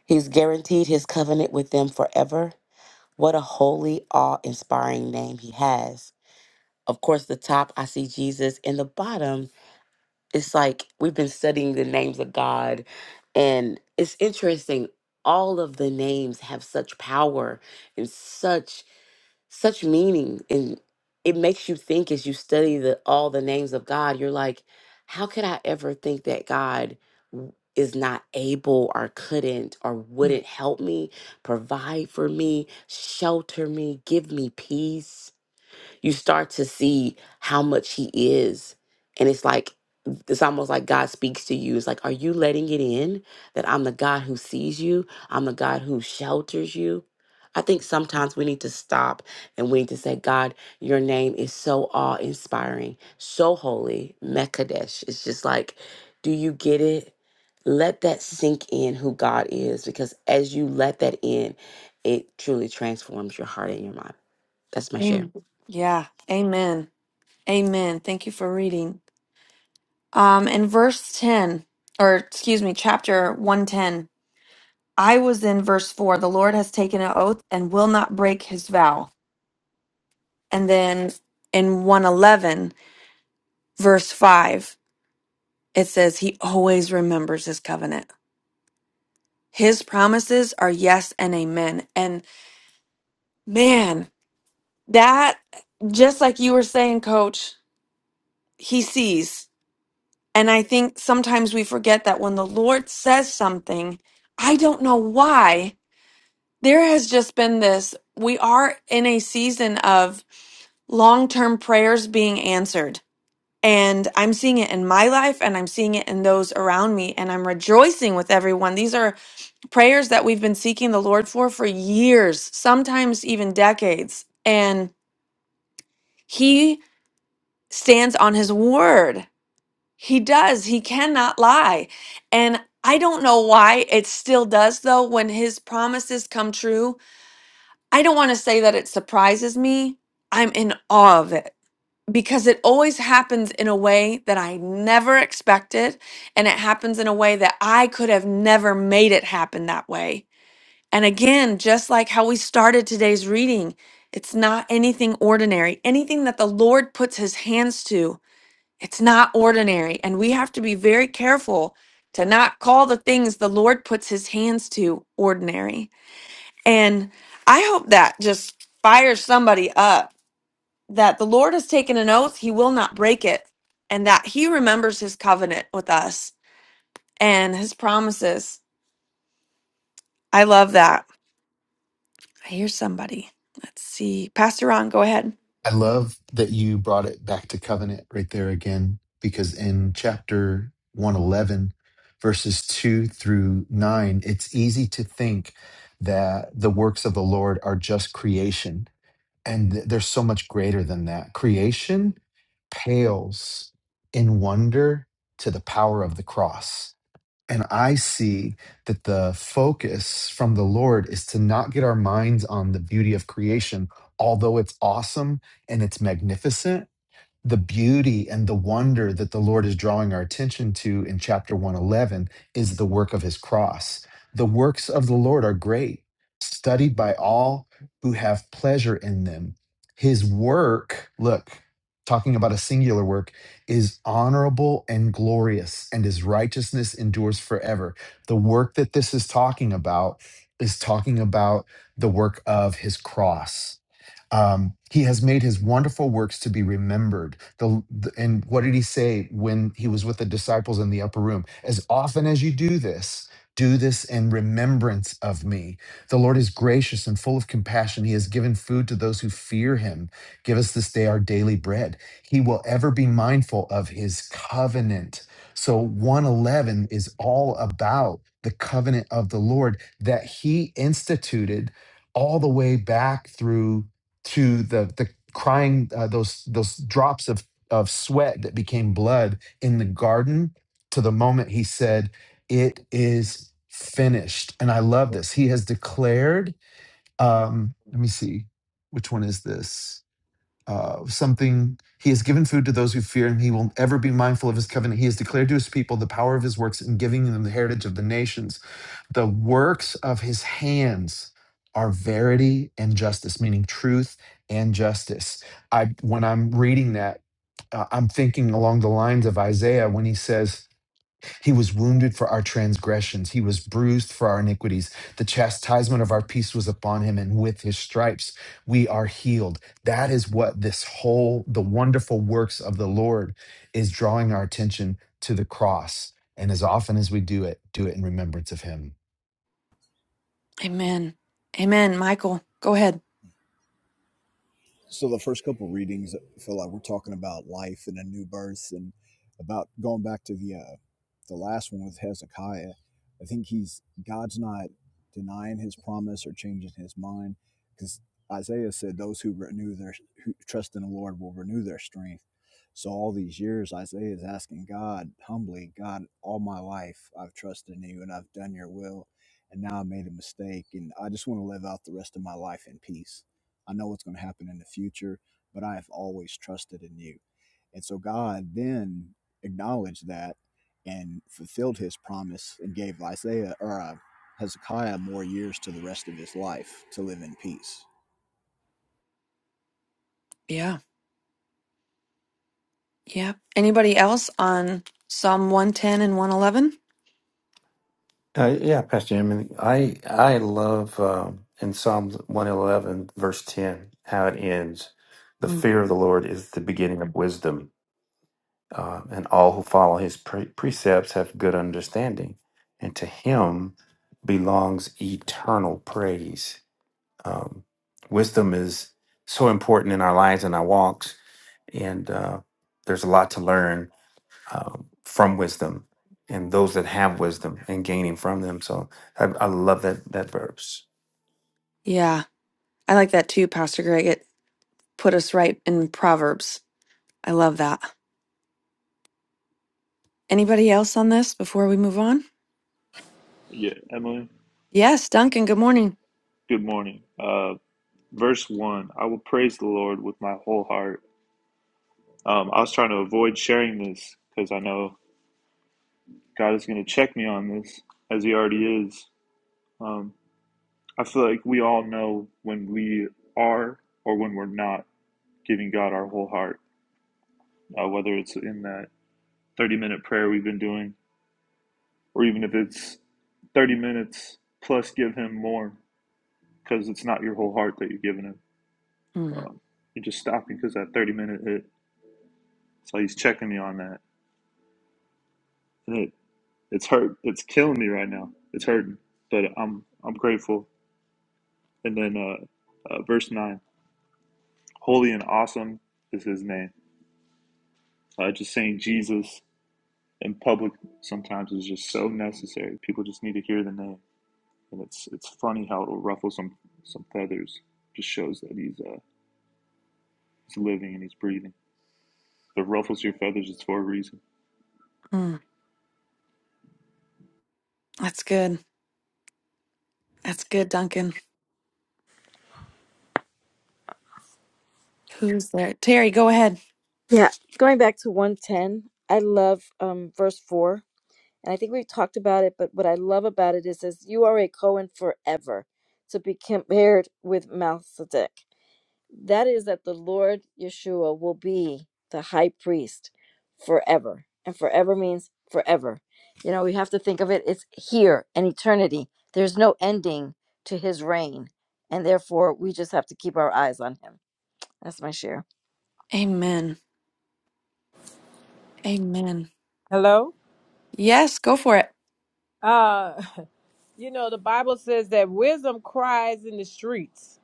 Speaker 2: he's guaranteed his covenant with them forever What a holy, awe inspiring name he has. Of course, the top, I see Jesus, and the bottom, it's like we've been studying the names of God, and it's interesting. All of the names have such power and such such meaning and it makes you think as you study the all the names of God you're like how could I ever think that God w- is not able or couldn't or
Speaker 1: Mm.
Speaker 2: wouldn't help me provide for me shelter me give me peace you start to see how much he is. And it's like, it's almost like God speaks to you. It's like, are you letting it in that I'm the God who sees you? I'm the God who shelters you? I think sometimes we need to stop and we need to say, God, your name is so awe inspiring, so holy, Mekadesh. It's just like, do you get it? Let that sink in who God is, because as you let that in, it truly transforms your heart and your mind. That's my share.
Speaker 1: Amen. Yeah. Amen. Amen. Thank you for reading. Um, in verse 10, or excuse me, chapter 110, I was in verse 4, the Lord has taken an oath and will not break his vow. And then in 111, verse 5, it says, He always remembers his covenant. His promises are yes and amen. And man, that, just like you were saying, coach, he sees. And I think sometimes we forget that when the Lord says something, I don't know why. There has just been this, we are in a season of long term prayers being answered. And I'm seeing it in my life and I'm seeing it in those around me. And I'm rejoicing with everyone. These are prayers that we've been seeking the Lord for for years, sometimes even decades. And He stands on His word. He does. He cannot lie. And I don't know why it still does, though, when His promises come true I don't want to say that it surprises me. I'm in awe of it because it always happens in a way that I never expected. And it happens in a way that I could have never made it happen that way. And again, just like how we started today's reading, it's not anything ordinary. Anything that the Lord puts his hands to, it's not ordinary. And we have to be very careful to not call the things the Lord puts his hands to ordinary and I hope that just fires somebody up that the Lord has taken an oath, he will not break it, and that he remembers his covenant with us and his promises. I love that. I hear somebody. Let's see. Pastor Ron, go ahead.
Speaker 4: I love that you brought it back to covenant right there again, because in chapter 111, verses 2 through 9, it's easy to think that the works of the Lord are just creation and th- they're so much greater than that. Creation pales in wonder to the power of the cross. And I see that the focus from the Lord is to not get our minds on the beauty of creation, although it's awesome and it's magnificent the beauty and the wonder that the Lord is drawing our attention to in chapter 111 is the work of his cross. The works of the Lord are great, studied by all who have pleasure in them. His work, look, talking about a singular work, is honorable and glorious, and his righteousness endures forever. The work that this is talking about is talking about the work of his cross um, he has made his wonderful works to be remembered. The, the- and what did he say when he was with the disciples in the upper room? As often as you do this, do this in remembrance of me. The Lord is gracious and full of compassion. He has given food to those who fear him. Give us this day our daily bread. He will ever be mindful of his covenant. So 111 is all about the covenant of the Lord that he instituted all the way back through to the the crying uh, those those drops of of sweat that became blood in the garden to the moment he said it is finished and i love this he has declared um let me see which one is this uh, something. He has given food to those who fear him. He will ever be mindful of his covenant. He has declared to his people the power of his works in giving them the heritage of the nations. The works of his hands are verity and justice, meaning truth and justice. I when I'm reading that, uh, I'm thinking along the lines of Isaiah when he says. He was wounded for our transgressions. He was bruised for our iniquities. The chastisement of our peace was upon him, and with his stripes we are healed. That is what this whole, the wonderful works of the Lord is drawing our attention to the cross. And as often as we do it, do it in remembrance of him.
Speaker 1: Amen. Amen. Michael, go ahead.
Speaker 11: so the first couple readings feel like we're talking about life and a new birth and about going back to the uh, the last one with Hezekiah. I think he's God's not denying his promise or changing his mind because Isaiah said those who renew their who trust in the Lord will renew their strength. So all these years Isaiah is asking God humbly, God, all my life I've trusted in you and I've done your will and now I made a mistake and I just want to live out the rest of my life in peace I know what's going to happen in the future, but I have always trusted in you. And so God then acknowledged that and fulfilled his promise and gave Isaiah or uh, Hezekiah more years to the rest of his life to live in peace.
Speaker 1: Yeah. Yep. Anybody else on Psalm 110 and 111?
Speaker 8: Uh, yeah, Pastor Jim, I I love um, in Psalm one eleven verse ten how it ends. The
Speaker 1: Mm.
Speaker 8: fear of the Lord is the beginning of wisdom. uh, and all who follow his pre- precepts have good understanding. And to him belongs eternal praise. Um, wisdom is so important in our lives and our walks, and uh, there's a lot to learn uh, from wisdom and those that have wisdom and gaining from them. So I, I love that that verse.
Speaker 1: Yeah. I like that too, Pastor Greg. It put us right in Proverbs. I love that. Anybody else on this before we move on?
Speaker 12: Yeah, Emily,
Speaker 1: Yes, Duncan, good morning.
Speaker 12: good morning. Uh, verse 1 I will praise the Lord with my whole heart. Um, I was trying to avoid sharing this because I know God is going to check me on this as He already is. Um, I feel like we all know when we are or when we're not giving God our whole heart, uh, whether it's in that 30 minute prayer we've been doing, or even if it's 30 minutes plus give Him more because it's not your whole heart that you're giving Him.
Speaker 1: Mm.
Speaker 12: Um, you're just stopping because that 30 minute hit. So he's checking me on that, and it it's hurt. It's killing me right now. It's hurting, but I'm I'm grateful. And then uh, uh, verse nine, holy and awesome is his name. Uh, just saying Jesus in public sometimes is just so necessary. People just need to hear the name, and it's it's funny how it'll ruffle some some feathers. Just shows that he's uh, he's living and he's breathing. If it ruffles your feathers, it's for a reason.
Speaker 1: Mm. That's good. That's good, Duncan. Who's there? Terry, go ahead.
Speaker 7: Yeah, going back to 110, I love um, verse 4. And I think we've talked about it, but what I love about it is, says, You are a Cohen forever to be compared with Melchizedek. That is that the Lord Yeshua will be the high priest forever. And forever means forever. You know, we have to think of it, it's here and eternity. There's no ending to his reign. And therefore, we just have to keep our eyes on him. That's my share.
Speaker 1: Amen. Amen.
Speaker 5: Hello.
Speaker 1: Yes, go for it.
Speaker 5: Uh, you know the Bible says that wisdom cries in the streets.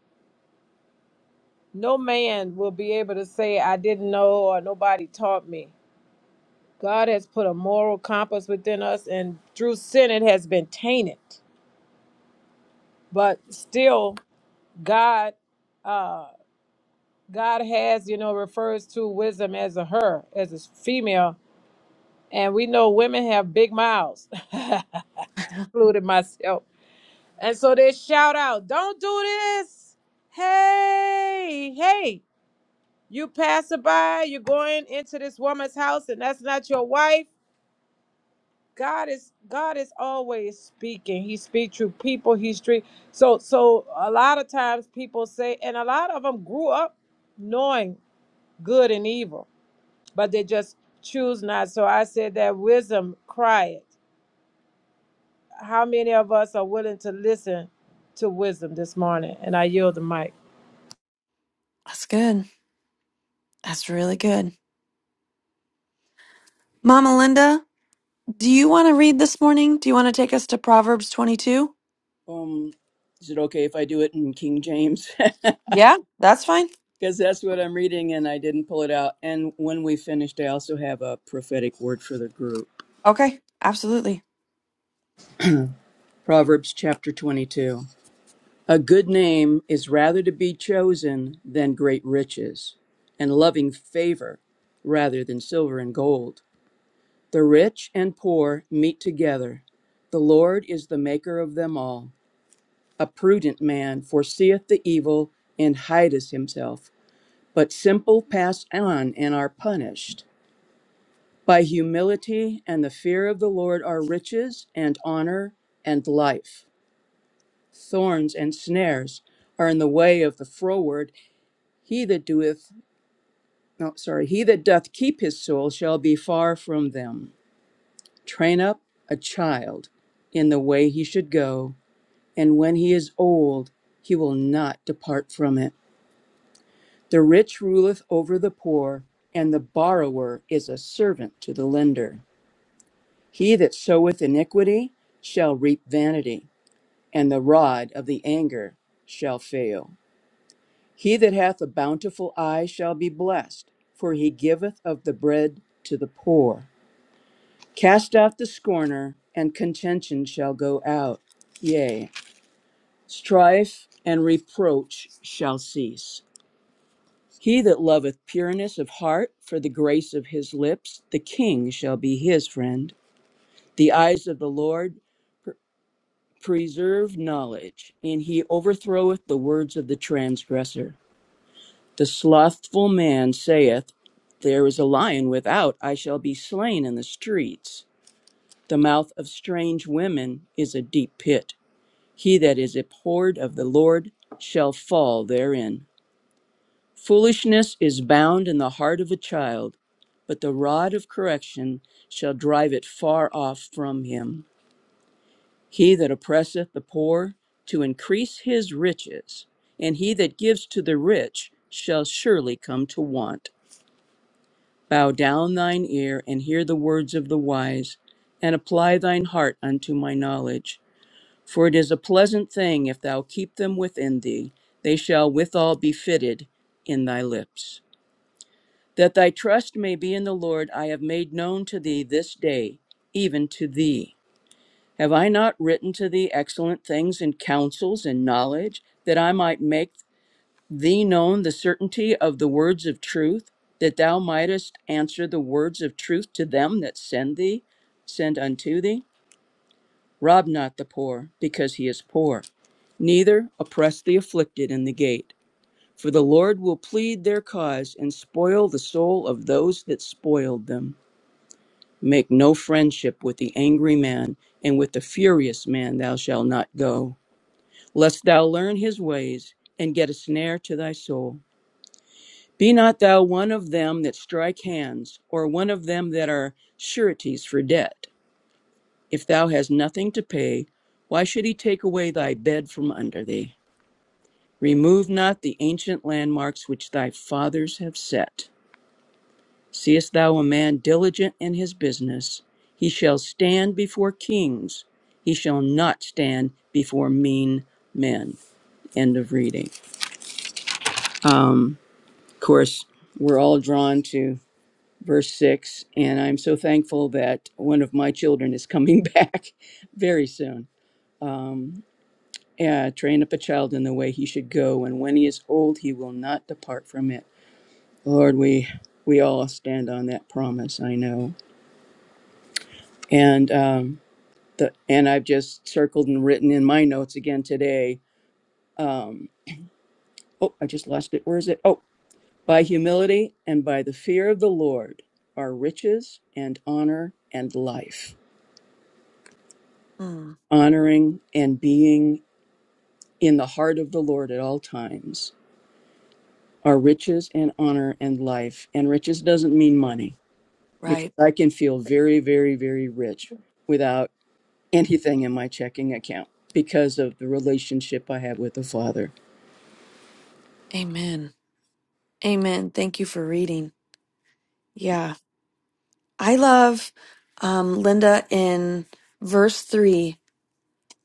Speaker 5: No man will be able to say I didn't know or nobody taught me. God has put a moral compass within us, and through sin it has been tainted. But still, God, uh, God has, you know, refers to wisdom as a her, as a female, and we know women have big mouths, including myself. And so they shout out, "Don't do this! Hey, hey! You passerby, you're going into this woman's house, and that's not your wife." God is God is always speaking. He speaks through people. He speak so so. A lot of times people say, and a lot of them grew up knowing good and evil, but they just choose not. So I said that wisdom crieth. How many of us are willing to listen to wisdom this morning? And I yield the mic.
Speaker 1: That's good. That's really good. Mama Linda, do you want to read this morning? Do you want to take us to Proverbs 22?
Speaker 13: Um, is it okay if I do it in King James?
Speaker 1: Yeah, that's fine.
Speaker 13: Because that's what I'm reading and I didn't pull it out. And when we finished, I also have a prophetic word for the group.
Speaker 1: Okay, absolutely.
Speaker 13: Proverbs chapter 22. A good name is rather to be chosen than great riches, and loving favor rather than silver and gold. The rich and poor meet together. The Lord is the maker of them all. A prudent man foreseeth the evil and hideth himself. but simple pass on and are punished. By humility and the fear of the Lord are riches and honor and life. Thorns and snares are in the way of the froward. He that doeth, no, sorry, he that doth keep his soul shall be far from them. Train up a child in the way he should go, and when he is old, he will not depart from it. The rich ruleth over the poor, and the borrower is a servant to the lender. He that soweth iniquity shall reap vanity, and the rod of the anger shall fail. He that hath a bountiful eye shall be blessed, for he giveth of the bread to the poor. Cast out the scorner, and contention shall go out. Yea, strife and reproach shall cease. He that loveth pureness of heart for the grace of his lips, the king shall be his friend. The eyes of the Lord preserve knowledge, and he overthroweth the words of the transgressor. The slothful man saith, There is a lion without, I shall be slain in the streets. The mouth of strange women is a deep pit. He that is abhorred of the Lord shall fall therein. Foolishness is bound in the heart of a child, but the rod of correction shall drive it far off from him. He that oppresseth the poor to increase his riches, and he that gives to the rich shall surely come to want. Bow down thine ear and hear the words of the wise, and apply thine heart unto my knowledge. For it is a pleasant thing if thou keep them within thee, they shall withal be fitted in thy lips. That thy trust may be in the Lord, I have made known to thee this day, even to thee. Have I not written to thee excellent things and counsels and knowledge, that I might make thee known the certainty of the words of truth, that thou mightest answer the words of truth to them that send thee, send unto thee? Rob not the poor, because he is poor, neither oppress the afflicted in the gate. For the Lord will plead their cause and spoil the soul of those that spoiled them. Make no friendship with the angry man, and with the furious man thou shalt not go lest thou learn his ways and get a snare to thy soul. Be not thou one of them that strike hands, or one of them that are sureties for debt. If thou hast nothing to pay, why should he take away thy bed from under thee? Remove not the ancient landmarks which thy fathers have set. Seest thou a man diligent in his business? He shall stand before kings, he shall not stand before mean men. End of reading. Um. Of course, we're all drawn to verse 6, and I'm so thankful that one of my children is coming back very soon. Uh, train up a child in the way he should go, and when he is old, he will not depart from it. Lord, we we all stand on that promise. I know, and um, the and I've just circled and written in my notes again today. Oh, I just lost it. Where is it? Oh, by humility and by the fear of the Lord are riches and honor and life
Speaker 1: Mm,
Speaker 13: honoring and being in the heart of the Lord at all times are riches and honor and life. And riches doesn't mean money because
Speaker 1: right.
Speaker 13: I can feel very, very, very rich without anything in my checking account because of the relationship I have with the Father.
Speaker 1: Amen. Amen. Thank you for reading. Yeah. I love um, Linda in verse three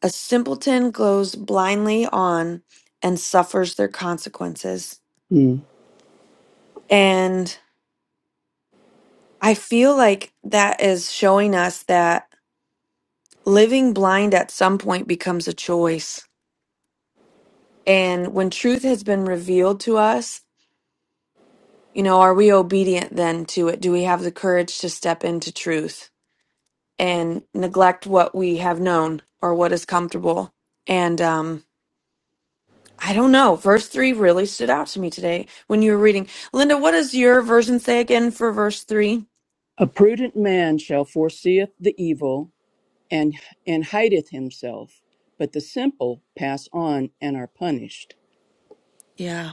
Speaker 1: a simpleton glows blindly on and suffers their consequences.
Speaker 13: Mm.
Speaker 1: And I feel like that is showing us that living blind at some point becomes a choice. And when truth has been revealed to us, you know, are we obedient then to it? Do we have the courage to step into truth and neglect what we have known or what is comfortable? And um, I don't know. Verse three really stood out to me today when you were reading. Linda, what does your version say again for verse three?
Speaker 13: A prudent man shall foreseeth the evil and, and hideth himself, but the simple pass on and are punished.
Speaker 1: Yeah,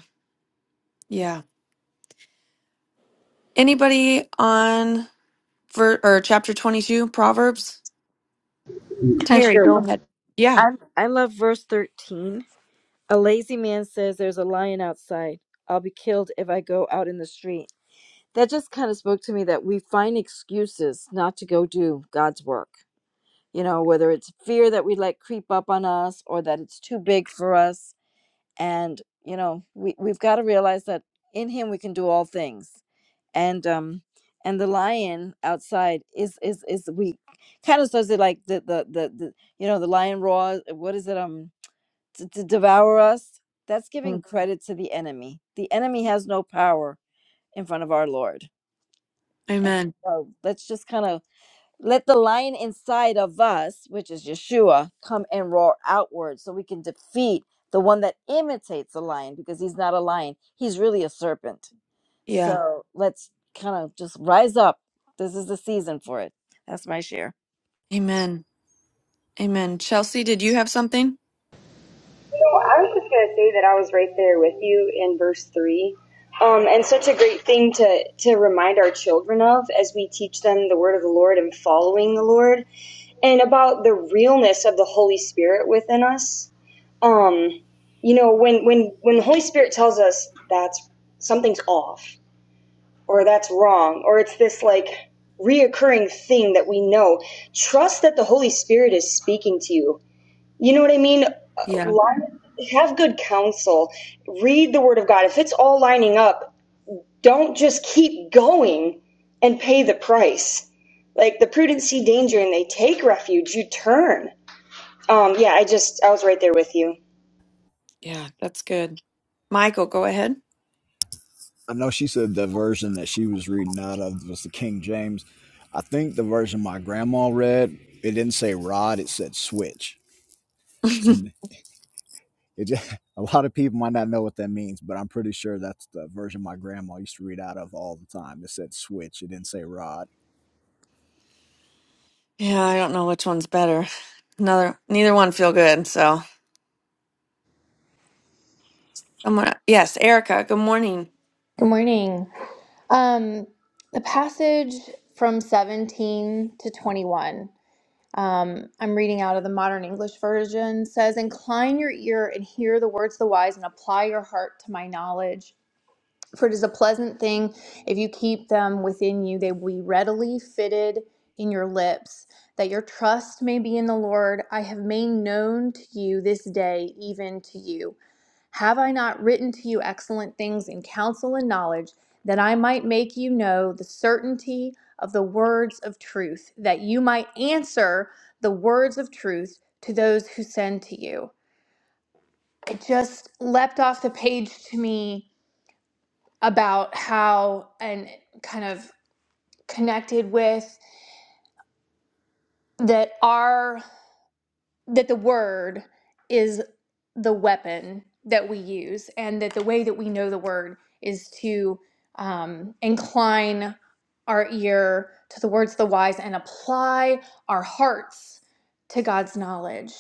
Speaker 1: yeah. Anybody on ver- or chapter twenty-two, Proverbs?
Speaker 14: No,
Speaker 7: Can I
Speaker 1: Terry,
Speaker 7: share
Speaker 1: go
Speaker 7: one?
Speaker 1: ahead. Yeah.
Speaker 7: I, I love verse 13. A lazy man says, There's a lion outside. I'll be killed if I go out in the street. That just kind of spoke to me that we find excuses not to go do God's work you know, whether it's fear that we let creep up on us or that it's too big for us. And, you know, we, we've got to realize that in him we can do all things. And um and the lion outside is is is we kind of says it like the the the, the you know, the lion roars what is it um to, to devour us? That's giving
Speaker 1: Mm.
Speaker 7: credit to the enemy. The enemy has no power in front of our Lord. And
Speaker 1: Amen.
Speaker 7: so let's just kind of let the lion inside of us, which is Yeshua, come and roar outward so we can defeat the one that imitates a lion because he's not a lion. He's really a serpent.
Speaker 1: Yeah.
Speaker 7: So let's kind of just rise up. This is the season for it. That's my share.
Speaker 1: Amen. Amen. Chelsea, did you have something?
Speaker 14: I was just going to say that I was right there with you in verse 3. Um, and such a great thing to, to remind our children of as we teach them the word of the Lord and following the Lord and about the realness of the Holy Spirit within us. Um, you know, when, when, when the Holy Spirit tells us that's something's off or that's wrong or it's this like reoccurring thing that we know, trust that the Holy Spirit is speaking to you You know what I mean? Uh,
Speaker 1: Yeah.
Speaker 14: Have good counsel. Read the Word of God. If it's all lining up, don't just keep going and pay the price. Like the prudent see danger and they take refuge. You turn. Um, yeah, I just I was right there with you.
Speaker 1: Yeah, that's good. Michael, go ahead.
Speaker 11: I know she said the version that she was reading out of was the King James. I think the version my grandma read, it didn't say rod, it said switch. So It just, a lot of people might not know what that means, but I'm pretty sure that's the version my grandma used to read out of all the time. It said switch. It didn't say rod.
Speaker 1: Yeah, I don't know which one's better. Another neither one feel good, so someone yes, Erica, good morning.
Speaker 15: Good morning. Um, the passage from 17 to 21, um, I'm reading out of the Modern English Version, says, Incline your ear and hear the words of the wise, and apply your heart to my knowledge. For it is a pleasant thing if you keep them within you, they will be readily fitted in your lips, that your trust may be in the Lord. I have made known to you this day, even to you. Have I not written to you excellent things in counsel and knowledge, that I might make you know the certainty of the words of truth, that you might answer the words of truth to those who send to you? It just leapt off the page to me about how, and kind of connected with, that our that the word is the weapon that we use, and that the way that we know the word is to um, incline our ear to the words of the wise and apply our hearts to God's knowledge.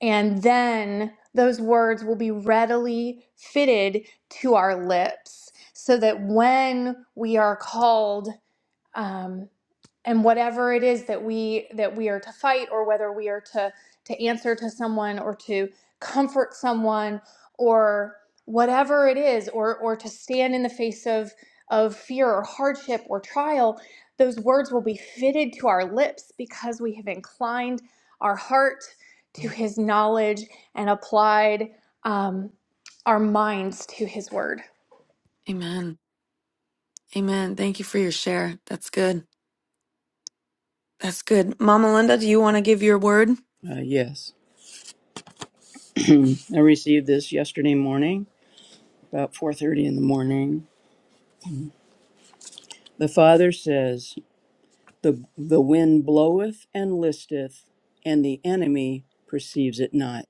Speaker 15: And then those words will be readily fitted to our lips so that when we are called um, and whatever it is that we that we are to fight or whether we are to to answer to someone or to comfort someone or whatever it is or or to stand in the face of of fear or hardship or trial those words will be fitted to our lips because we have inclined our heart to his knowledge and applied um, our minds to his word
Speaker 1: Amen. Amen. Thank you for your share. That's good. That's good. Mama Linda, do you want to give your word?
Speaker 13: Uh, yes, I received this yesterday morning, about 4:30 in the morning The Father says, the, the wind bloweth and listeth, and the enemy perceives it not.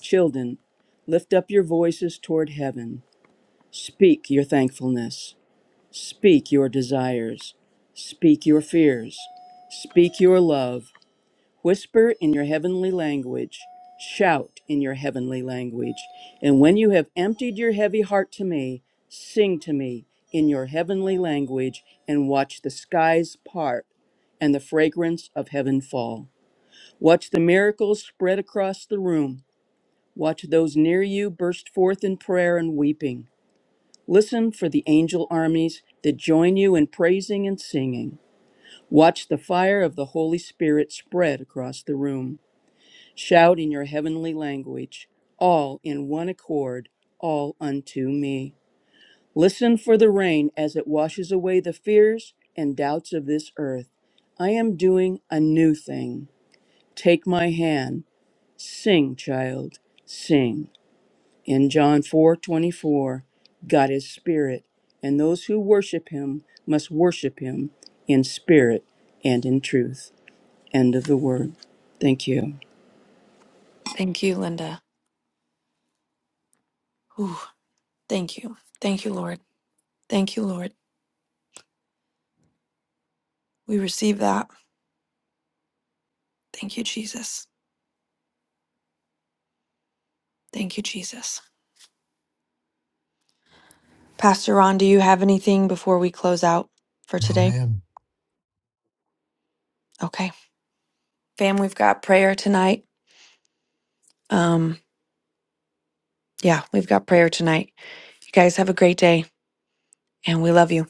Speaker 13: Children, lift up your voices toward heaven. Speak your thankfulness. Speak your desires. Speak your fears. Speak your love. Whisper in your heavenly language, shout in your heavenly language. And when you have emptied your heavy heart to me, sing to me in your heavenly language and watch the skies part and the fragrance of heaven fall. Watch the miracles spread across the room. Watch those near you burst forth in prayer and weeping. Listen for the angel armies that join you in praising and singing. Watch the fire of the Holy Spirit spread across the room. Shout in your heavenly language, all in one accord, all unto me. Listen for the rain as it washes away the fears and doubts of this earth. I am doing a new thing. Take my hand. Sing, child, sing. In John 4:24, God is spirit, and those who worship him must worship him in spirit and in truth. End of the word. Thank you.
Speaker 1: Thank you, Linda. Ooh, thank you. Thank you, Lord. Thank you, Lord. We receive that. Thank you, Jesus. Thank you, Jesus. Pastor Ron, do you have anything before we close out for
Speaker 4: No,
Speaker 1: today?
Speaker 4: man.
Speaker 1: Okay. Fam, we've got prayer tonight. Um, yeah, we've got prayer tonight. You guys have a great day, and we love you.